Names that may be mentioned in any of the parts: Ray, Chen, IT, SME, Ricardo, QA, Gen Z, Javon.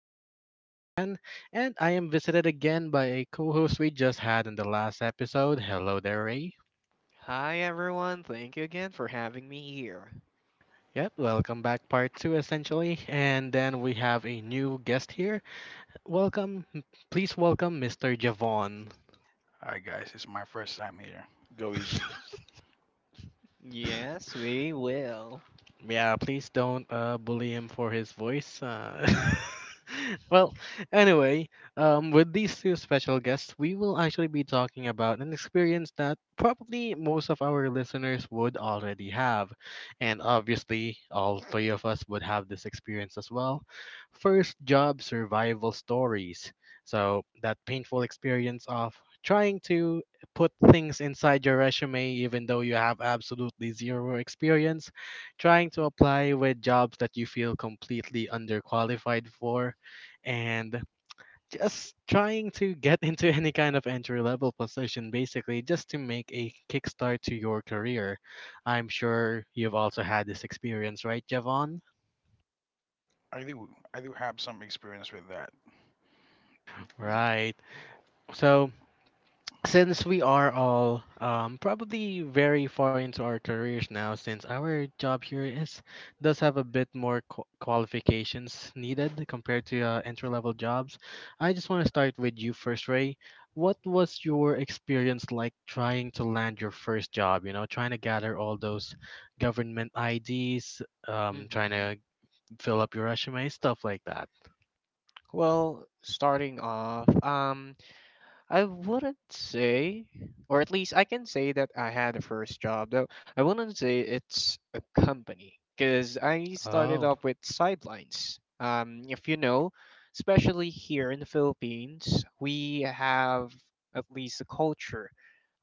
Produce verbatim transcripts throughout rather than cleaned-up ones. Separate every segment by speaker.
Speaker 1: this is your host, Chen, and I am visited again by a co host we just had in the last episode. Hello there, Ray.
Speaker 2: Hi everyone, thank you again for having me here.
Speaker 1: Yep, welcome back, part two, essentially. And then we have a new guest here. Welcome, please welcome mister Javon.
Speaker 3: Hi guys, it's my first time here. Go easy.
Speaker 2: Yes, we will.
Speaker 1: Yeah, please don't uh, bully him for his voice. Uh, well, anyway, um, with these two special guests, we will actually be talking about an experience that probably most of our listeners would already have. And obviously, all three of us would have this experience as well. First job survival stories. So, that painful experience of trying to put things inside your resume even though you have absolutely zero experience, trying to apply with jobs that you feel completely underqualified for, and just trying to get into any kind of entry level position, basically, just to make a kickstart to your career. I'm sure you've also had this experience, right, Javon?
Speaker 3: I do, I do have some experience with that.
Speaker 2: Mhm.
Speaker 1: Right. So, since we are all um, probably very far into our careers now, since our job here is does have a bit more qu- qualifications needed compared to uh, entry level jobs, I just want to start with you first, Ray. What was your experience like trying to land your first job? You know, trying to gather all those government I Ds, um, trying
Speaker 2: Mhm.
Speaker 1: to fill up your resume, stuff like that.
Speaker 2: Well, starting off, um I wouldn't say, or at least I can say that I had a first job, though I wouldn't say it's a company because I started
Speaker 1: Oh.
Speaker 2: off with sidelines. Um, if you know, especially here in the Philippines, we have at least a culture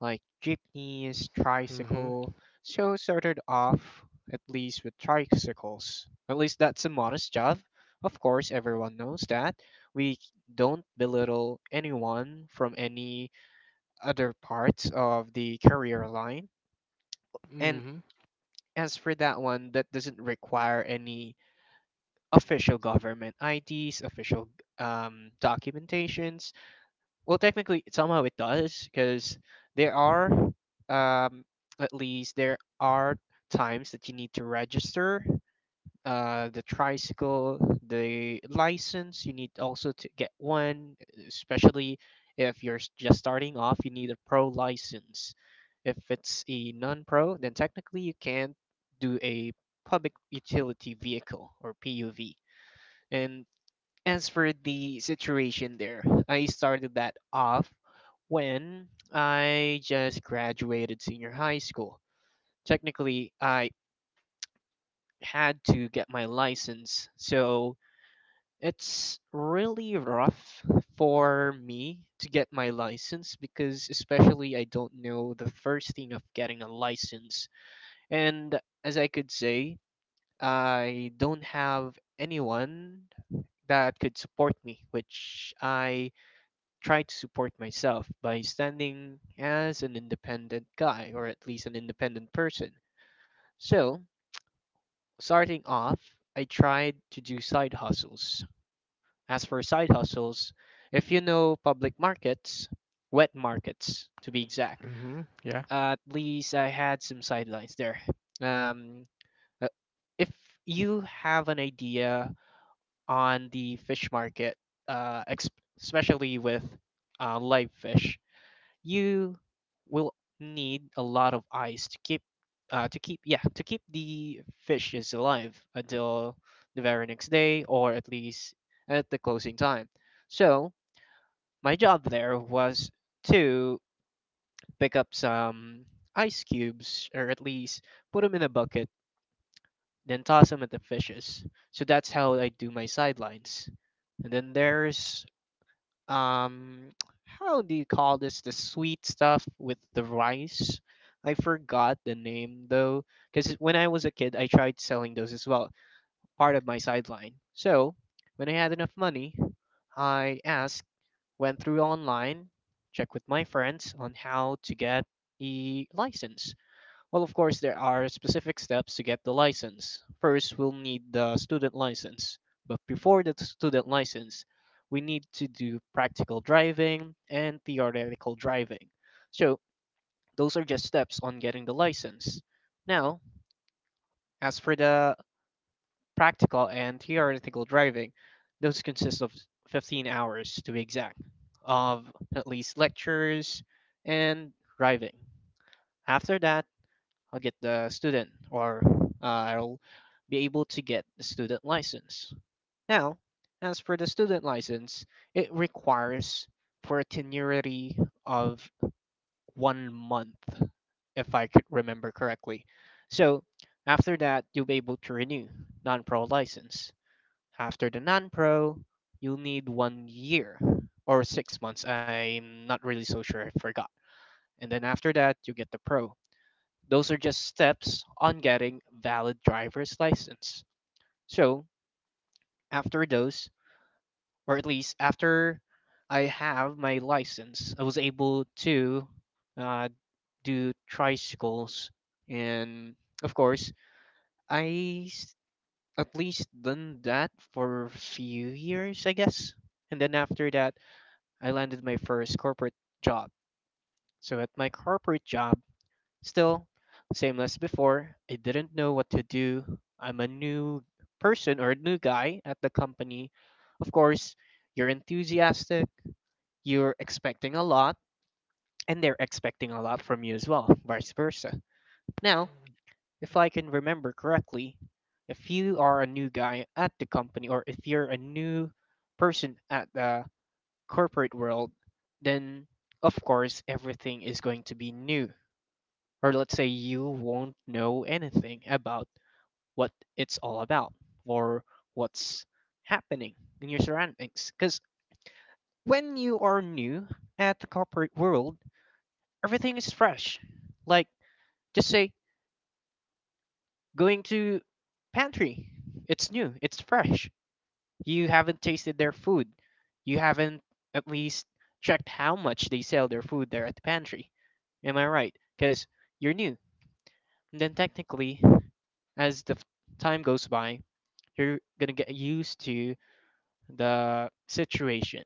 Speaker 2: like jeepneys,
Speaker 1: Mhm.
Speaker 2: tricycle. So started off at least with tricycles. At least that's a modest job. Of course, everyone knows that we don't belittle anyone from any other parts of the career line. And
Speaker 1: Mhm.
Speaker 2: as for that one, that doesn't require any official government I Ds, official um, documentations. Well, technically, somehow it does because there are, um, at least, there are times that you need to register uh the tricycle, the license you need also to get one, especially if you're s- just starting off, you need a pro license. If it's a non-pro, then technically you can't do a public utility vehicle, or P U V. And as for the situation there, I started that off when I just graduated senior high school. Technically, I had to get my license, so it's really rough for me to get my license, because, especially, I don't know the first thing of getting a license. And as I could say, I don't have anyone that could support me, which I try to support myself by standing as an independent guy, or at least an independent person. So, starting off, I tried to do side hustles. As for side hustles, if you know public markets, wet markets to be exact,
Speaker 1: Mhm. Yeah.
Speaker 2: at least I had some sidelines there. Um, uh, if you have an idea on the fish market, uh, ex- especially with uh, live fish, you will need a lot of eyes to keep, uh, to keep yeah to keep the fishes alive until the very next day, or at least at the closing time. So my job there was to pick up some ice cubes, or at least put them in a bucket, then toss them at the fishes. So that's how I do my sidelines. And then there's um, how do you call this? The sweet stuff with the rice. I forgot the name though, because when I was a kid, I tried selling those as well, part of my sideline. So when I had enough money, I asked, went through online, checked with my friends on how to get a license. Well, of course, there are specific steps to get the license. First, we'll need the student license. But before the student license, we need to do practical driving and theoretical driving. So, those are just steps on getting the license. Now, as for the practical and theoretical driving, those consist of 15 hours to be exact, of at least lectures and driving. After that, I'll get the student or uh, I'll be able to get the student license. Now, as for the student license, it requires for a tenuity of one month, if I could remember correctly. So, after that, you'll be able to renew non pro license. After the non pro, you'll need one year or six months. I'm not really so sure, I forgot. And then after that, you get the pro. Those are just steps on getting valid driver's license. So after those, or at least after I have my license, I was able to uh, do tricycles. And of course, I s- at least done that for a few years, I guess. And then after that, I landed my first corporate job. So at my corporate job, still same as before, I didn't know what to do. I'm a new person or a new guy at the company. Of course, you're enthusiastic, you're expecting a lot, and they're expecting a lot from you as well, vice versa. Now, if I can remember correctly, if you are a new guy at the company, or if you're a new person at the corporate world, then of course everything is going to be new. Or let's say you won't know anything about what it's all about, or what's happening in your surroundings. Because when you are new at the corporate world, everything is fresh. Like, just say, going to pantry, it's new, it's fresh. You haven't tasted their food. You haven't at least checked how much they sell their food there at the pantry. Am I right? Because you're new. And then technically, as the f- time goes by, you're gonna get used to the situation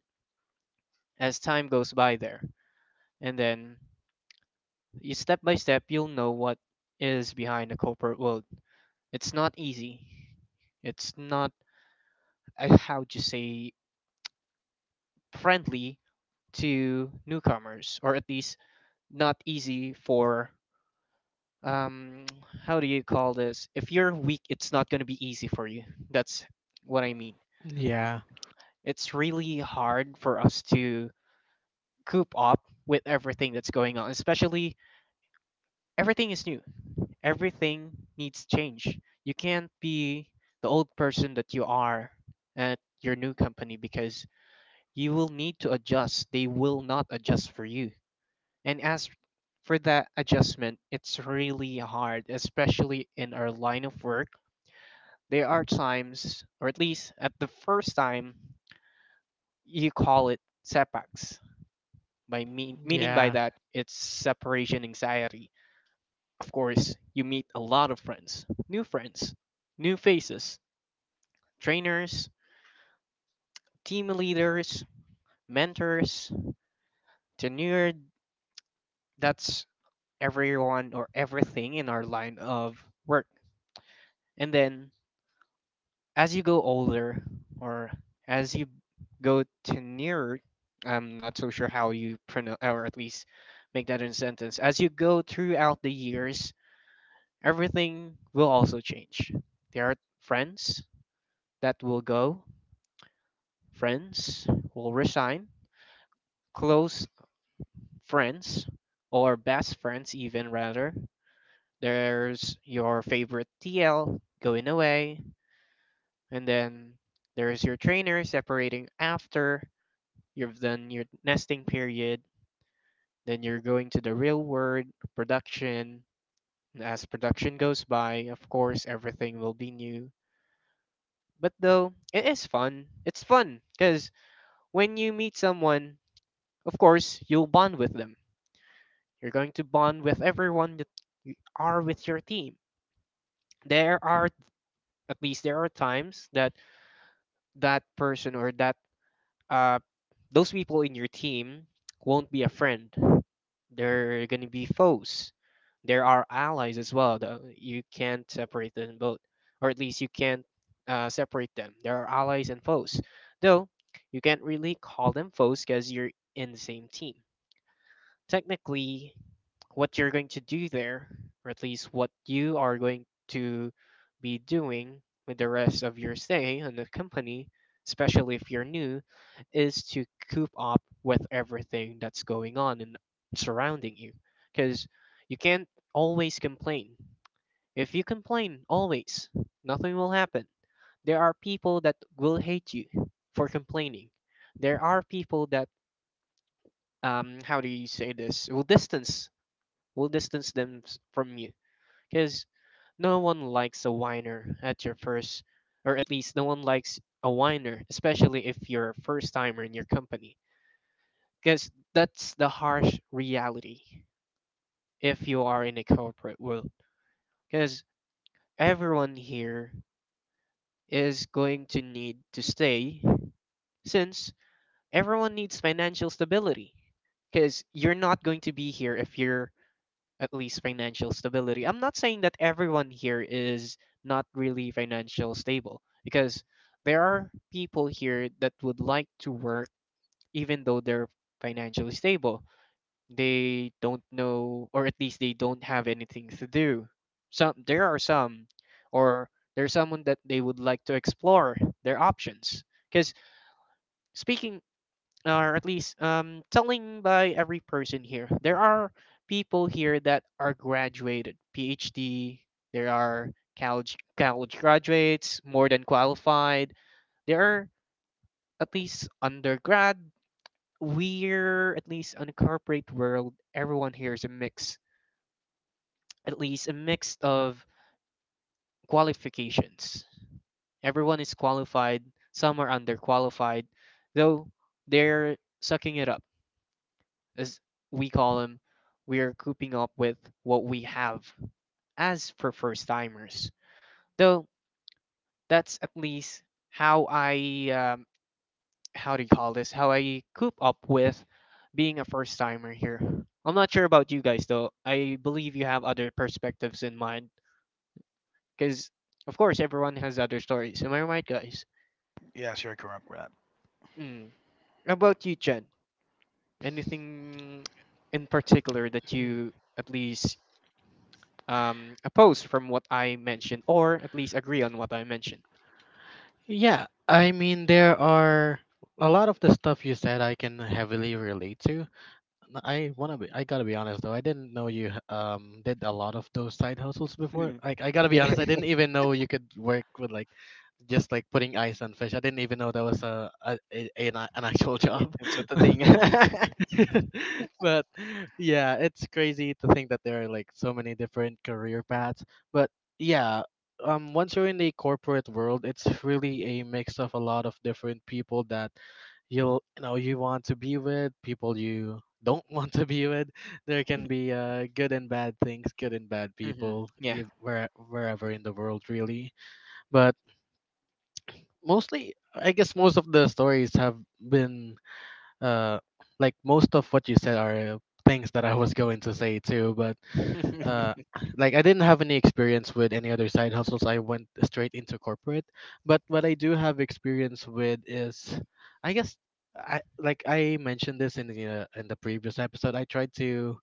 Speaker 2: as time goes by there. And then you, step by step, you'll know what is behind the corporate world. It's not easy. It's not uh, how to say, friendly to newcomers, or at least not easy for, um how do you call this, if you're weak it's not going to be easy for you. That's what I mean.
Speaker 1: Yeah.
Speaker 2: It's really hard for us to coop up with everything that's going on, especially everything is new, everything needs change. You can't be the old person that you are at your new company, because you will need to adjust. They will not adjust for you. And as for that adjustment, it's really hard, especially in our line of work. There are times, or at least at the first time, you call it setbacks. By mean, meaning by
Speaker 1: Yeah.
Speaker 2: that, it's separation anxiety. Of course, you meet a lot of friends, new friends, new faces, trainers, team leaders, mentors, tenure. That's everyone or everything in our line of work. And then as you go older, or as you go to nearer, I'm not so sure how you pronounce, or at least make that in a sentence, as you go throughout the years, everything will also change. There are friends that will go, friends will resign, close friends or best friends even, rather, there's your favorite T L going away. And then there's your trainer separating after you've done your nesting period, then you're going to the real world production. As production goes by, of course, everything will be new. But though, it is fun. It's fun because when you meet someone, of course, you'll bond with them. You're going to bond with everyone that you are with your team. There are, at least, there are times that that person, or that uh, those people in your team won't be a friend. They're gonna be foes. There are allies as well. Though. You can't separate them both, or at least you can't uh, separate them. There are allies and foes, though you can't really call them foes because you're in the same team. Technically, what you're going to do there, or at least what you are going to be doing with the rest of your stay in the company, especially if you're new, is to coop up with everything that's going on and surrounding you. Because you can't always complain. If you complain always, nothing will happen. There are people that will hate you for complaining. There are people that um how do you say this, will distance will distance them s- from you, because no one likes a whiner at your first, or at least no one likes a whiner, especially if you're a first timer in your company. Because that's the harsh reality if you are in a corporate world. Because everyone here is going to need to stay, since everyone needs financial stability. Because you're not going to be here if you're at least financial stability. I'm not saying that everyone here is not really financial stable, because there are people here that would like to work even though they're financially stable. They don't know, or at least they don't have anything to do. Some There are some, or there's someone that they would like to explore their options, because speaking, or at least um, telling by every person here. There are people here that are graduated, P H D. There are college college graduates, more than qualified. There are at least undergrad. We're at least on the corporate world. Everyone here is a mix, at least a mix of qualifications. Everyone is qualified. Some are underqualified, though they're sucking it up. As we call them, we are cooping up with what we have as for first timers. Though that's at least how I, um, how do you call this? How I coop up with being a first timer here. I'm not sure about you guys though. I believe you have other perspectives in mind because of course everyone has other stories. Am I right, guys?
Speaker 3: Yes, you're correct with that.
Speaker 2: Mm. How about you, Jen? Anything in particular that you at least, um, oppose from what I mentioned, or at least agree on what I mentioned.
Speaker 1: Yeah, I mean, there are a lot of the stuff you said I can heavily relate to. N- I wanna be, I gotta be honest though, I didn't know you h- um did a lot of those side hustles before.
Speaker 2: Mhm.
Speaker 1: Like, I gotta be
Speaker 2: Yeah,
Speaker 1: honest, I didn't even know you could work with like just like putting ice on fish. I didn't even know that was a, a, a an, a- an actual
Speaker 2: yeah,
Speaker 1: job.
Speaker 2: that's what the thing.
Speaker 1: but yeah, it's crazy to think that there are like so many different career paths. But yeah, um, once you're in the corporate world, it's really a mix of a lot of different people that you'll you know you want to be with, people you don't want to be with. There
Speaker 2: Mhm,
Speaker 1: can be uh, good and bad things, good and bad
Speaker 2: mhm,
Speaker 1: people,
Speaker 2: yeah.
Speaker 1: if, where, wherever in the world, really. But mostly, I guess most of the stories have been uh, like most of what you said are things that I was going to say too, but uh, like I didn't have any experience with any other side hustles. I went straight into corporate. But what I do have experience with is, I guess, I like I mentioned this in the uh, in the previous episode. I tried to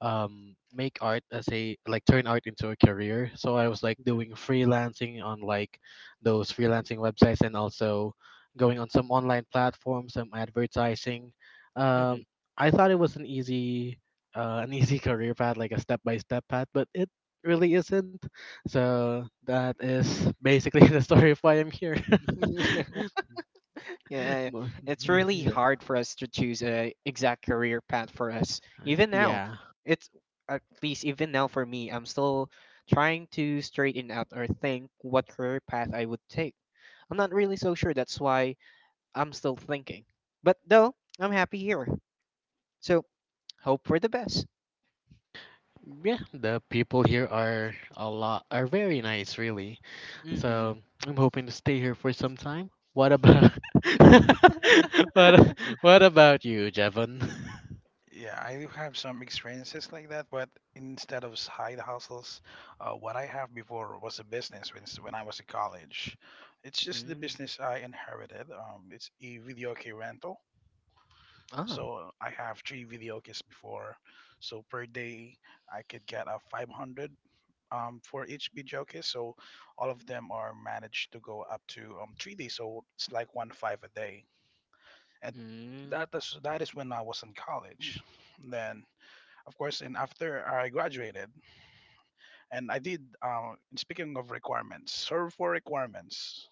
Speaker 1: um make art as a like turn art into a career. So I was like
Speaker 2: Mhm,
Speaker 1: doing freelancing on like those freelancing websites and also going on some online platforms, some advertising.
Speaker 2: mhm.
Speaker 1: Um, I thought it was an easy uh, an easy career path, like a step by step path, but it really isn't. So that is basically the story of why I'm here.
Speaker 2: Yeah,
Speaker 1: But,
Speaker 2: it's
Speaker 1: uh,
Speaker 2: really
Speaker 1: yeah,
Speaker 2: hard for us to choose a exact career path for us. Even now,
Speaker 1: yeah,
Speaker 2: it's at least even now for me, I'm still trying to straighten out or think what career path I would take. I'm not really so sure. That's why I'm still thinking. But though I'm happy here. So hope for the best.
Speaker 1: yeah. The people here are a lot are very nice, really.
Speaker 2: Mm-hmm.
Speaker 1: So I'm hoping to stay here for some time. What about what what about you, Jevon?
Speaker 3: Yeah, I do have some experiences like that, but instead of side hustles, uh, what I have before was a business when, s- when I was in college. It's just the
Speaker 2: Mm.
Speaker 3: business I inherited. Um, it's a video key rental.
Speaker 2: Ah.
Speaker 3: So uh, I have three video keys before. So per day, I could get a five hundred um, for each video case. So all of them are managed to go up to um, three days. So it's like one five a day. And
Speaker 2: Mm.
Speaker 3: that is, that is when I was in college. Then, of course, and after I graduated, and I did, uh, speaking of requirements, serve for requirements.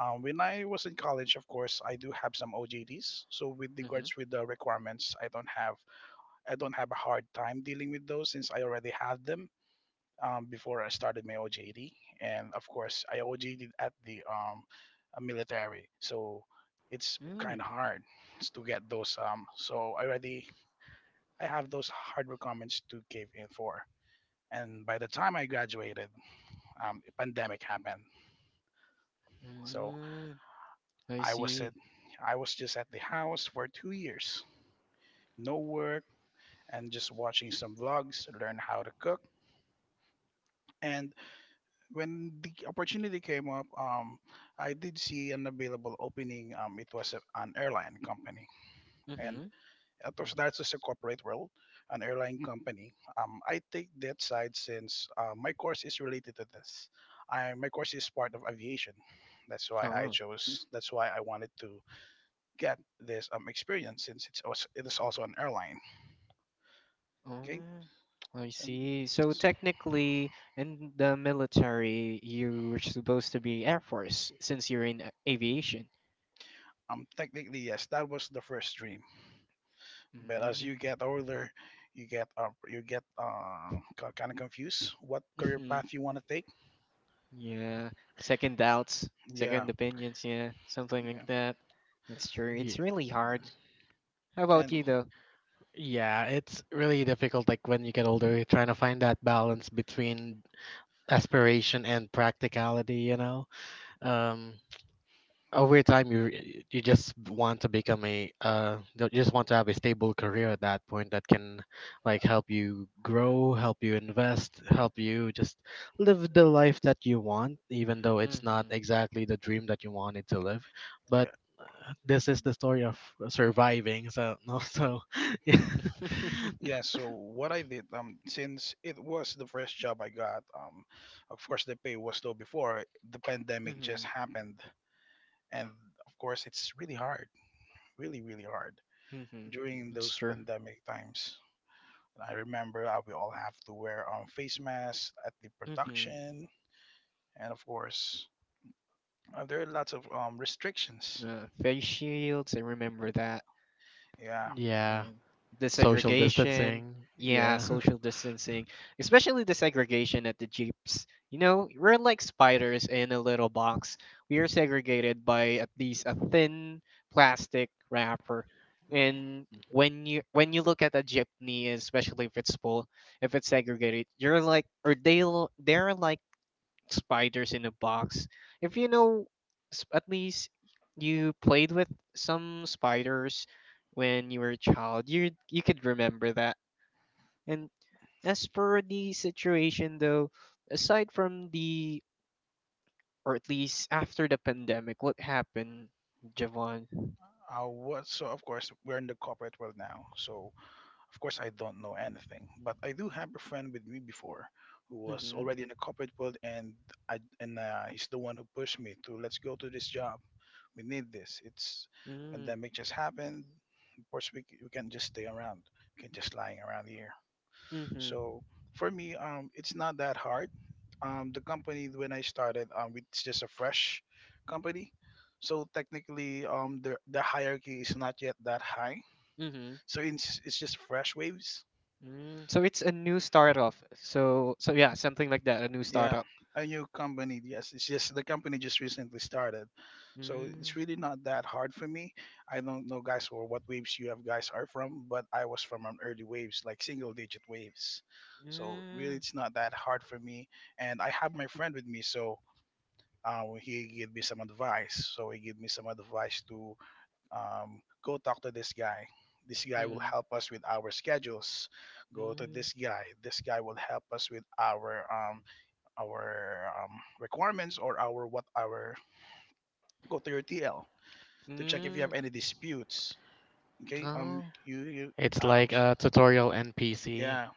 Speaker 3: Um, when I was in college, of course, I do have some O J Ts. So with
Speaker 2: Mm-hmm.
Speaker 3: regards with the requirements, I don't have I don't have a hard time dealing with those since I already had them. Um, before I started my O J T, and of course I O J T at the um, uh, military, so it's kind
Speaker 2: Mm.
Speaker 3: of hard to get those. Um, so I already I have those hard requirements to give in for, and by the time I graduated, um, a pandemic happened, so
Speaker 2: Mm. I
Speaker 3: I was at
Speaker 2: see.
Speaker 3: I was just at the house for two years, no work, and just watching some vlogs, learn how to cook, and when the opportunity came up, um, I did see an available opening. Um, it was a, an airline company, and
Speaker 2: Mm-hmm.
Speaker 3: it was that's just a corporate world, an airline company. Um, I take that side since uh, my course is related to this. I My course is part of aviation. That's why I
Speaker 2: Oh.
Speaker 3: chose. That's why I wanted to get this um, experience since it's also, it is also an airline. Okay,
Speaker 2: Oh. I
Speaker 3: and
Speaker 2: see. So
Speaker 3: s-
Speaker 2: technically, in the military, you were supposed to be Air Force since you're in a- aviation.
Speaker 3: um, technically yes, that was the first dream. But as you
Speaker 2: Mm.
Speaker 3: get older, you get uh, you get uh, kind of confused what career
Speaker 2: Mm-hmm.
Speaker 3: path you want to take.
Speaker 2: Yeah. Second doubts,
Speaker 3: Yeah,
Speaker 2: second opinions. Yeah, something
Speaker 3: yeah,
Speaker 2: like that. That's true. It's
Speaker 1: Yeah.
Speaker 2: really hard.
Speaker 3: yes,
Speaker 2: How about
Speaker 3: and
Speaker 2: you, though?
Speaker 1: Yeah, it's really difficult like when you get older, trying to find that balance between aspiration and practicality, you know. um over time, you re- you just want to become a uh you just want to have a stable career at that point that can like help you grow, help you invest, help you just live the life that you want, even though it's not
Speaker 2: Mm-hmm.
Speaker 1: exactly the dream that you wanted to live.
Speaker 3: yeah,
Speaker 1: But uh, this is the story of surviving, so no so
Speaker 3: yeah. So what I did, um, since it was the first job I got, um, of course the pay was low before the pandemic
Speaker 2: mm-hmm.
Speaker 3: just happened, and of course it's really hard, really really hard
Speaker 2: Mm-hmm.
Speaker 3: during
Speaker 2: It's
Speaker 3: those
Speaker 2: true.
Speaker 3: pandemic times. And I remember uh, we all have to wear um face masks at the
Speaker 2: Mm-hmm.
Speaker 3: production, and of course Uh, there are lots of um restrictions.
Speaker 2: Uh, face shields, I remember that.
Speaker 3: Yeah,
Speaker 1: yeah,
Speaker 2: And the
Speaker 1: social
Speaker 2: segregation.
Speaker 1: distancing,
Speaker 3: yeah.
Speaker 2: Yeah,
Speaker 1: yeah.
Speaker 2: social distancing. Especially the segregation at the Jeeps. You know, we're like spiders in a little box. We are segregated by at least a thin plastic wrapper. And when you when you look at a jeepney, especially if it's full, if it's segregated, you're like, or they l- they're like spiders in a box. If you know, s- at least you played with some spiders when you were a child, you you could remember that. And as for the situation though, aside from the, or at least after the pandemic, what happened, Javon?
Speaker 3: I was so Of course we're in the corporate world now, so of course I don't know anything. But I do have a friend with me before who was
Speaker 2: Mm-hmm.
Speaker 3: already in the corporate world, and I and uh, he's the one who pushed me to let's go to this job. We need this. It's
Speaker 2: Mm-hmm.
Speaker 3: pandemic just happened. Of course we c- We can't just stay around. We can just lying around here.
Speaker 2: Mm-hmm.
Speaker 3: So for me, um, it's not that hard. Um, the company when I started, um, it's just a fresh company. So technically, um, the the hierarchy is not yet that high.
Speaker 2: Mm-hmm.
Speaker 3: So it's it's just fresh waves.
Speaker 2: Mm. So it's a new startup. So so yeah, something like that, a new
Speaker 3: Yeah,
Speaker 2: startup.
Speaker 3: a new company. Yes, it's just the company just recently started, so it's really not that hard for me. I don't know, guys, or what waves you have guys are from, but I was from an early waves, like single digit waves. So really,
Speaker 2: Mm-hmm.
Speaker 3: it's not that hard for me, and I have my friend with me, so uh, he gave me some advice. So he gave me some advice to um, go talk to this guy. This guy will
Speaker 2: Mm.
Speaker 3: help us with our schedules. Go to
Speaker 2: Mm.
Speaker 3: this guy. This guy will help us with our um, our um, requirements or our what our go to your T L to check if you have
Speaker 2: Mm.
Speaker 3: any disputes. Okay, um,
Speaker 2: Oh.
Speaker 3: you, you
Speaker 1: It's
Speaker 3: um,
Speaker 1: like a tutorial N P C.
Speaker 3: yeah.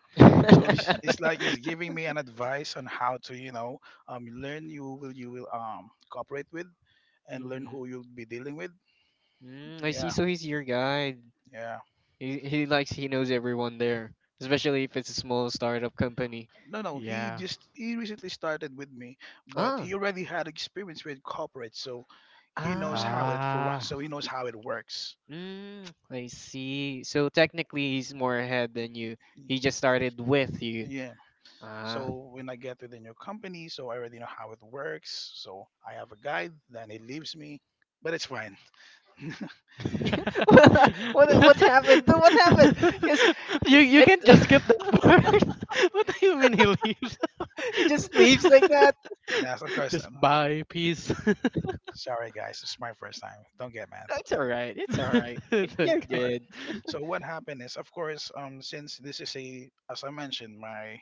Speaker 3: So it's, it's like it's giving me an advice on how to you know um learn you will you will um cooperate with and learn
Speaker 2: hmm.
Speaker 3: who you'll be dealing with.
Speaker 2: Mm, I see.
Speaker 3: Yeah,
Speaker 2: So he's your guide.
Speaker 3: yeah.
Speaker 2: He, he likes, he knows everyone there, especially if it's a small startup company.
Speaker 3: No, no. He
Speaker 1: Yeah.
Speaker 3: just he recently started with me, but
Speaker 2: Ah,
Speaker 3: he already had experience with corporate, so he knows how
Speaker 2: ah,
Speaker 3: it for
Speaker 1: Ah.
Speaker 3: so he knows how it works.
Speaker 2: mm, I see. So technically, he's more ahead than you. He just started with you.
Speaker 3: Yeah.
Speaker 2: Ah.
Speaker 3: So when I get to the new company, so I already know how it works. So I have a guide, then he leaves me, but it's fine.
Speaker 2: what what happened? Dude, what happened? Because
Speaker 1: you you
Speaker 2: it
Speaker 1: can just skip that part. what do you mean he leaves?
Speaker 2: it just
Speaker 3: Okay.
Speaker 2: leaves like that.
Speaker 3: Yes, of course.
Speaker 1: just
Speaker 3: Um,
Speaker 1: bye, peace.
Speaker 3: sorry, guys. It's my first time. Don't get mad.
Speaker 2: That's all right. It's all right.
Speaker 1: it's
Speaker 2: You're
Speaker 3: All
Speaker 1: okay.
Speaker 3: right.
Speaker 2: good.
Speaker 3: So what happened is, of course, um, since this is a, as I mentioned, my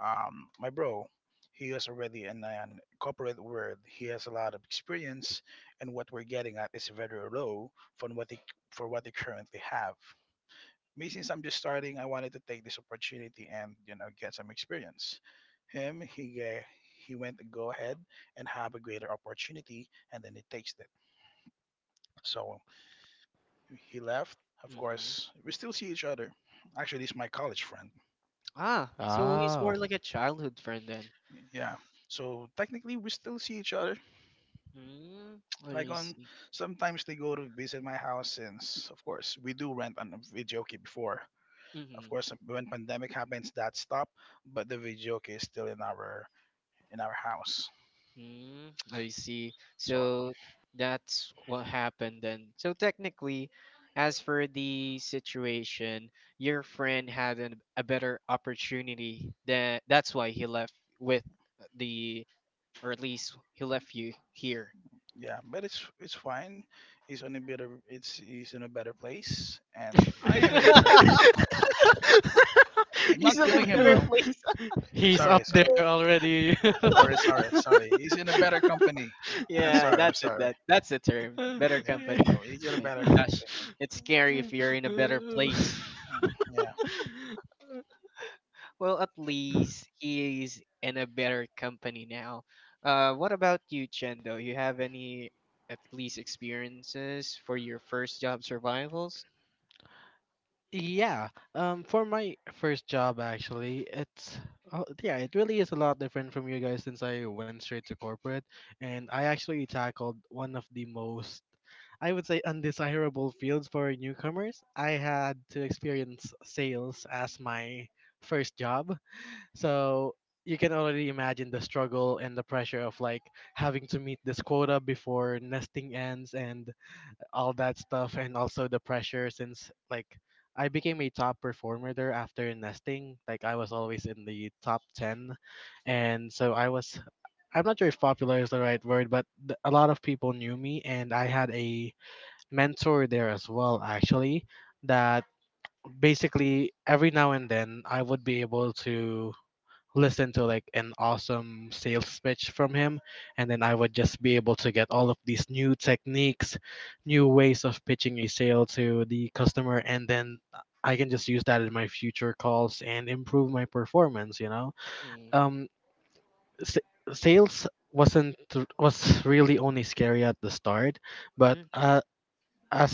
Speaker 3: um, my bro, he is already in an corporate world. He has a lot of experience, and what we're getting at is very low from what they for what they currently have. Me, since I'm just starting, I wanted to take this opportunity and you know get some experience. Him, he uh, he went to go ahead and have a greater opportunity, and then he takes it. So he left. Of
Speaker 2: Hmm.
Speaker 3: course, we still see each other. Actually, he's my college friend.
Speaker 2: Ah, so he's more
Speaker 1: Oh.
Speaker 2: like a childhood friend then.
Speaker 3: Yeah. So technically, we still see each other.
Speaker 2: Mm,
Speaker 3: Like
Speaker 2: I
Speaker 3: on
Speaker 2: see.
Speaker 3: Sometimes they go to visit my house since, of course, we do rent on a video key before. Of course, when pandemic happens, that stopped, but the video key is still in our in our house.
Speaker 2: Mm, I see.
Speaker 3: So
Speaker 2: So that's what happened then. So technically, as for the situation, your friend had an, a better opportunity. That that's why he left with the, or at least he left you here.
Speaker 3: yeah, but it's it's fine. He's on a better It's he's in a better place, and I am in a better place. I'm
Speaker 2: He's
Speaker 3: not
Speaker 2: in a
Speaker 3: killing him
Speaker 2: better
Speaker 3: though.
Speaker 2: place.
Speaker 1: He's
Speaker 3: Sorry,
Speaker 1: up
Speaker 3: sorry,
Speaker 1: there already.
Speaker 3: sorry, sorry, sorry. He's in a better company. I'm
Speaker 2: Yeah,
Speaker 3: sorry, I'm
Speaker 2: that's it.
Speaker 3: sorry.
Speaker 2: That that's the term.
Speaker 3: Uh,
Speaker 2: Better
Speaker 3: Yeah,
Speaker 2: company.
Speaker 3: no, he's in a
Speaker 2: My
Speaker 3: better
Speaker 2: gosh,
Speaker 3: company.
Speaker 2: it's scary if you're in a better place.
Speaker 3: Mm, Yeah.
Speaker 2: Well, at least he is in a better company now. Uh, what about you, Chendo? You have any at least experiences for your first job survivals?
Speaker 1: yeah, um for my first job, actually, it's uh, yeah, it really is a lot different from you guys since I went straight to corporate, and I actually tackled one of the most, I would say, undesirable fields for newcomers. I had to experience sales as my first job. So you can already imagine the struggle and the pressure of like having to meet this quota before nesting ends and all that stuff, and also the pressure since like I became a top performer there after nesting. Like I was always in the top ten, and so I was. I'm not sure if popular is the right word, but th- a lot of people knew me, and I had a mentor there as well, actually. That basically every now and then I would be able to listen to like an awesome sales pitch from him, and then I would just be able to get all of these new techniques, new ways of pitching a sale to the customer, and then I can just use that in my future calls and improve my performance, you know.
Speaker 2: Hmm.
Speaker 1: um s- sales wasn't was really only scary at the start, but
Speaker 2: Hmm.
Speaker 1: uh, as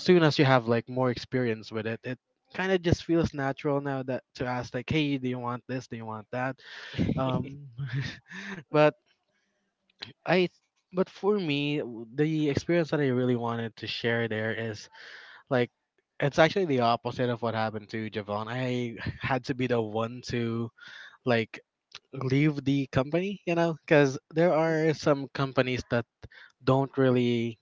Speaker 1: soon as you have like more experience with it, it kind of just feels natural now, that to ask like, hey, do you want this, do you want that. um But I but for me, w- the experience that I really wanted to share there is like it's actually the opposite of what happened to Javon. I had to be the one to like leave the company, you know, because there
Speaker 2: Mm.
Speaker 1: are some companies that don't really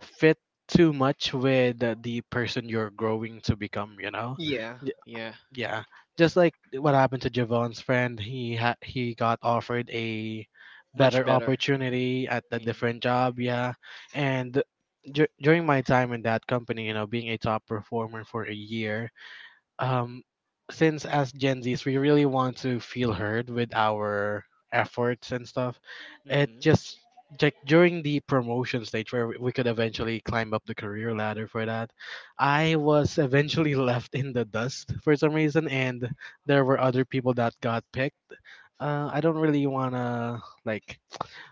Speaker 1: fit too much with the person you're growing to become, you know,
Speaker 2: Yeah, yeah,
Speaker 1: yeah, just like what happened to Javon's friend, he had he got offered a
Speaker 2: much
Speaker 1: better
Speaker 2: better.
Speaker 1: opportunity at a
Speaker 2: Mm-hmm.
Speaker 1: different job. Yeah, and dur- during my time in that company, you know, being a top performer for a year, um, since as Gen Zs, we really want to feel heard with our efforts and stuff. It just like during the promotion stage where we could eventually climb up the career ladder for that, I was eventually left in the dust for some reason, and there were other people that got picked. Uh, I don't really wanna like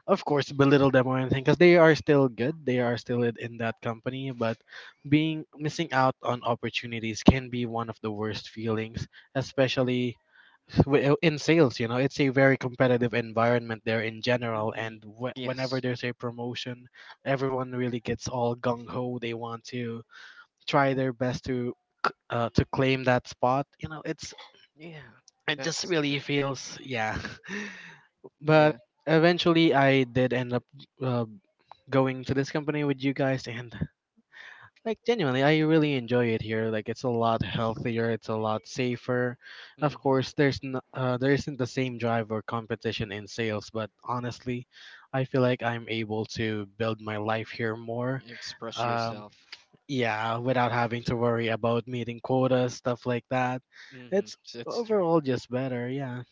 Speaker 1: of course belittle them or anything because they are still good, they are still in in that company, but being missing out on opportunities can be one of the worst feelings, especially wi- in sales, you know, it's a very competitive environment there in general,
Speaker 2: Hmm.
Speaker 1: and whe- whenever
Speaker 2: Yes,
Speaker 1: there's a promotion, everyone really gets all gung-ho, they want to try their best to c- uh, to claim that spot, you know, it's
Speaker 2: yeah,
Speaker 1: it just
Speaker 2: that's
Speaker 1: really
Speaker 2: true.
Speaker 1: feels, yeah. But
Speaker 2: Yeah,
Speaker 1: eventually, I did end up uh, going to this company with you guys, and like genuinely, I really enjoy it here. Like it's a lot healthier, it's a lot safer. Of
Speaker 2: hmm,
Speaker 1: course, there's no, uh, there isn't the same drive or competition in sales, but honestly, I feel like I'm able to build my life here more.
Speaker 2: express
Speaker 1: Um,
Speaker 2: yourself.
Speaker 1: yeah, without having to worry about meeting quotas, stuff like that.
Speaker 2: Mm-hmm.
Speaker 1: It's
Speaker 2: That's true.
Speaker 1: overall just better. Yeah.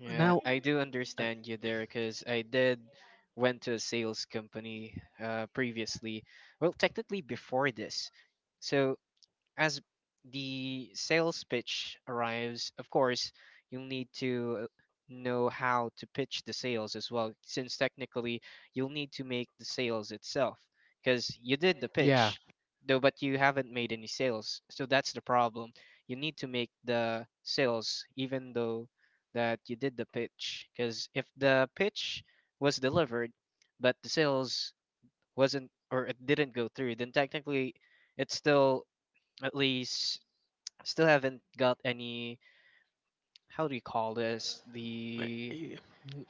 Speaker 2: Yeah,
Speaker 1: Now,
Speaker 2: I do
Speaker 1: uh,
Speaker 2: understand you there because I did went to a sales company uh, previously. Well, technically before this. So as the sales pitch arrives, of course, you'll need to uh, know how to pitch the sales as well, since technically you'll need to make the sales itself because you did the
Speaker 1: yeah
Speaker 2: pitch, though, but you haven't made any sales. So that's the problem. You need to make the sales, even though that you did the pitch, because if the pitch was delivered, but the sales wasn't or it didn't go through, then technically it's still at least still haven't got any how do you call this, the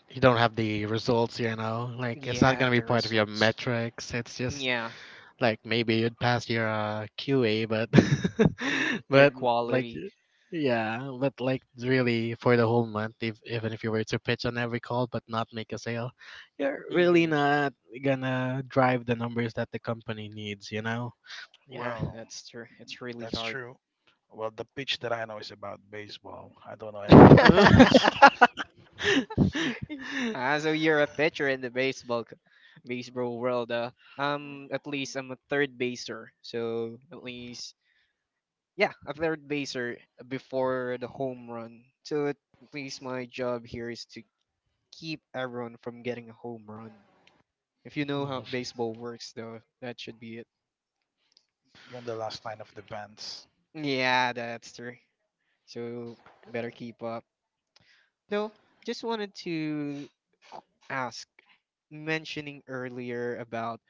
Speaker 1: you don't have the results, you know. Like it's not
Speaker 2: yeah
Speaker 1: gonna be
Speaker 2: the
Speaker 1: part of your
Speaker 2: results,
Speaker 1: metrics. It's just
Speaker 2: yeah.
Speaker 1: like maybe you'd pass your uh, Q A, but
Speaker 2: Your
Speaker 1: but like
Speaker 2: quality.
Speaker 1: yeah, but like really for the whole month, if even if you were to pitch on every call but not make a sale, you're really
Speaker 2: Hmm,
Speaker 1: not gonna drive the numbers that the company needs, you know.
Speaker 2: yeah
Speaker 3: Well,
Speaker 2: that's true, it's really
Speaker 3: that's
Speaker 2: hard.
Speaker 3: true. Well, the pitch that I know is about baseball. I don't know anything about chess.
Speaker 2: Ah, so you're a pitcher in the baseball c- baseball world. Uh, um at least I'm a third baser, so at least yeah a third baser before the home run, so at at least my job here is to keep everyone from getting a home run. If you know how baseball works, though, that should be it.
Speaker 3: You're in the last line of defense.
Speaker 2: Yeah, that's true. So better keep up. No, just wanted to ask, mentioning earlier about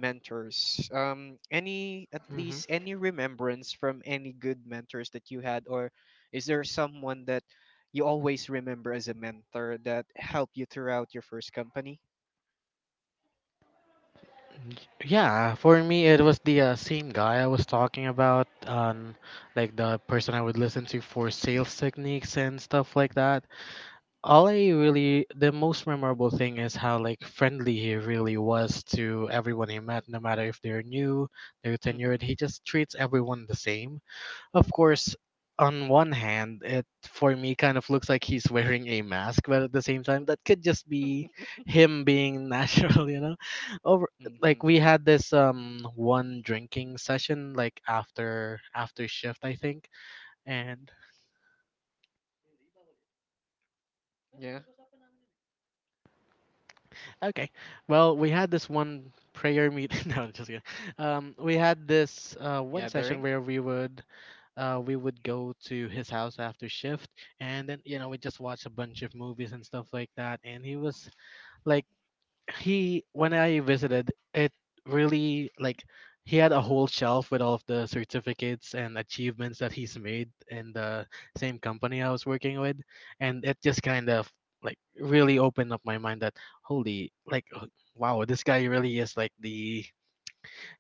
Speaker 2: mentors. Um, any at
Speaker 1: Mhm.
Speaker 2: least any remembrance from any good mentors that you had, or is there someone that you always remember as a mentor that helped you throughout your first company?
Speaker 1: Yeah, for me it was the uh, same guy I was talking about, um, like the person I would listen to for sales techniques and stuff like that. All I really, the most memorable thing is how like friendly he really was to everyone he met, no matter if they're new, they're tenured.
Speaker 2: Mm-hmm.
Speaker 1: He just treats everyone the same. Of course, on one hand, it for me kind of looks like he's wearing a mask, but at the same time, that could just be him being natural, you know. Over
Speaker 2: Mm-hmm.
Speaker 1: like we had this um one drinking session like after after shift, I think, and
Speaker 2: Yeah.
Speaker 1: Okay. Well, we had this one prayer meeting. No, just kidding. Um, we had this uh, one session
Speaker 2: Gathering.
Speaker 1: where we would uh, we would go to his house after shift, and then you know we just watched a bunch of movies and stuff like that. And he was like, he when I visited, it really like, he had a whole shelf with all of the certificates and achievements that he's made in the same company I was working with, and it just kind of like really opened up my mind that holy, like, h- wow, this guy really is like the,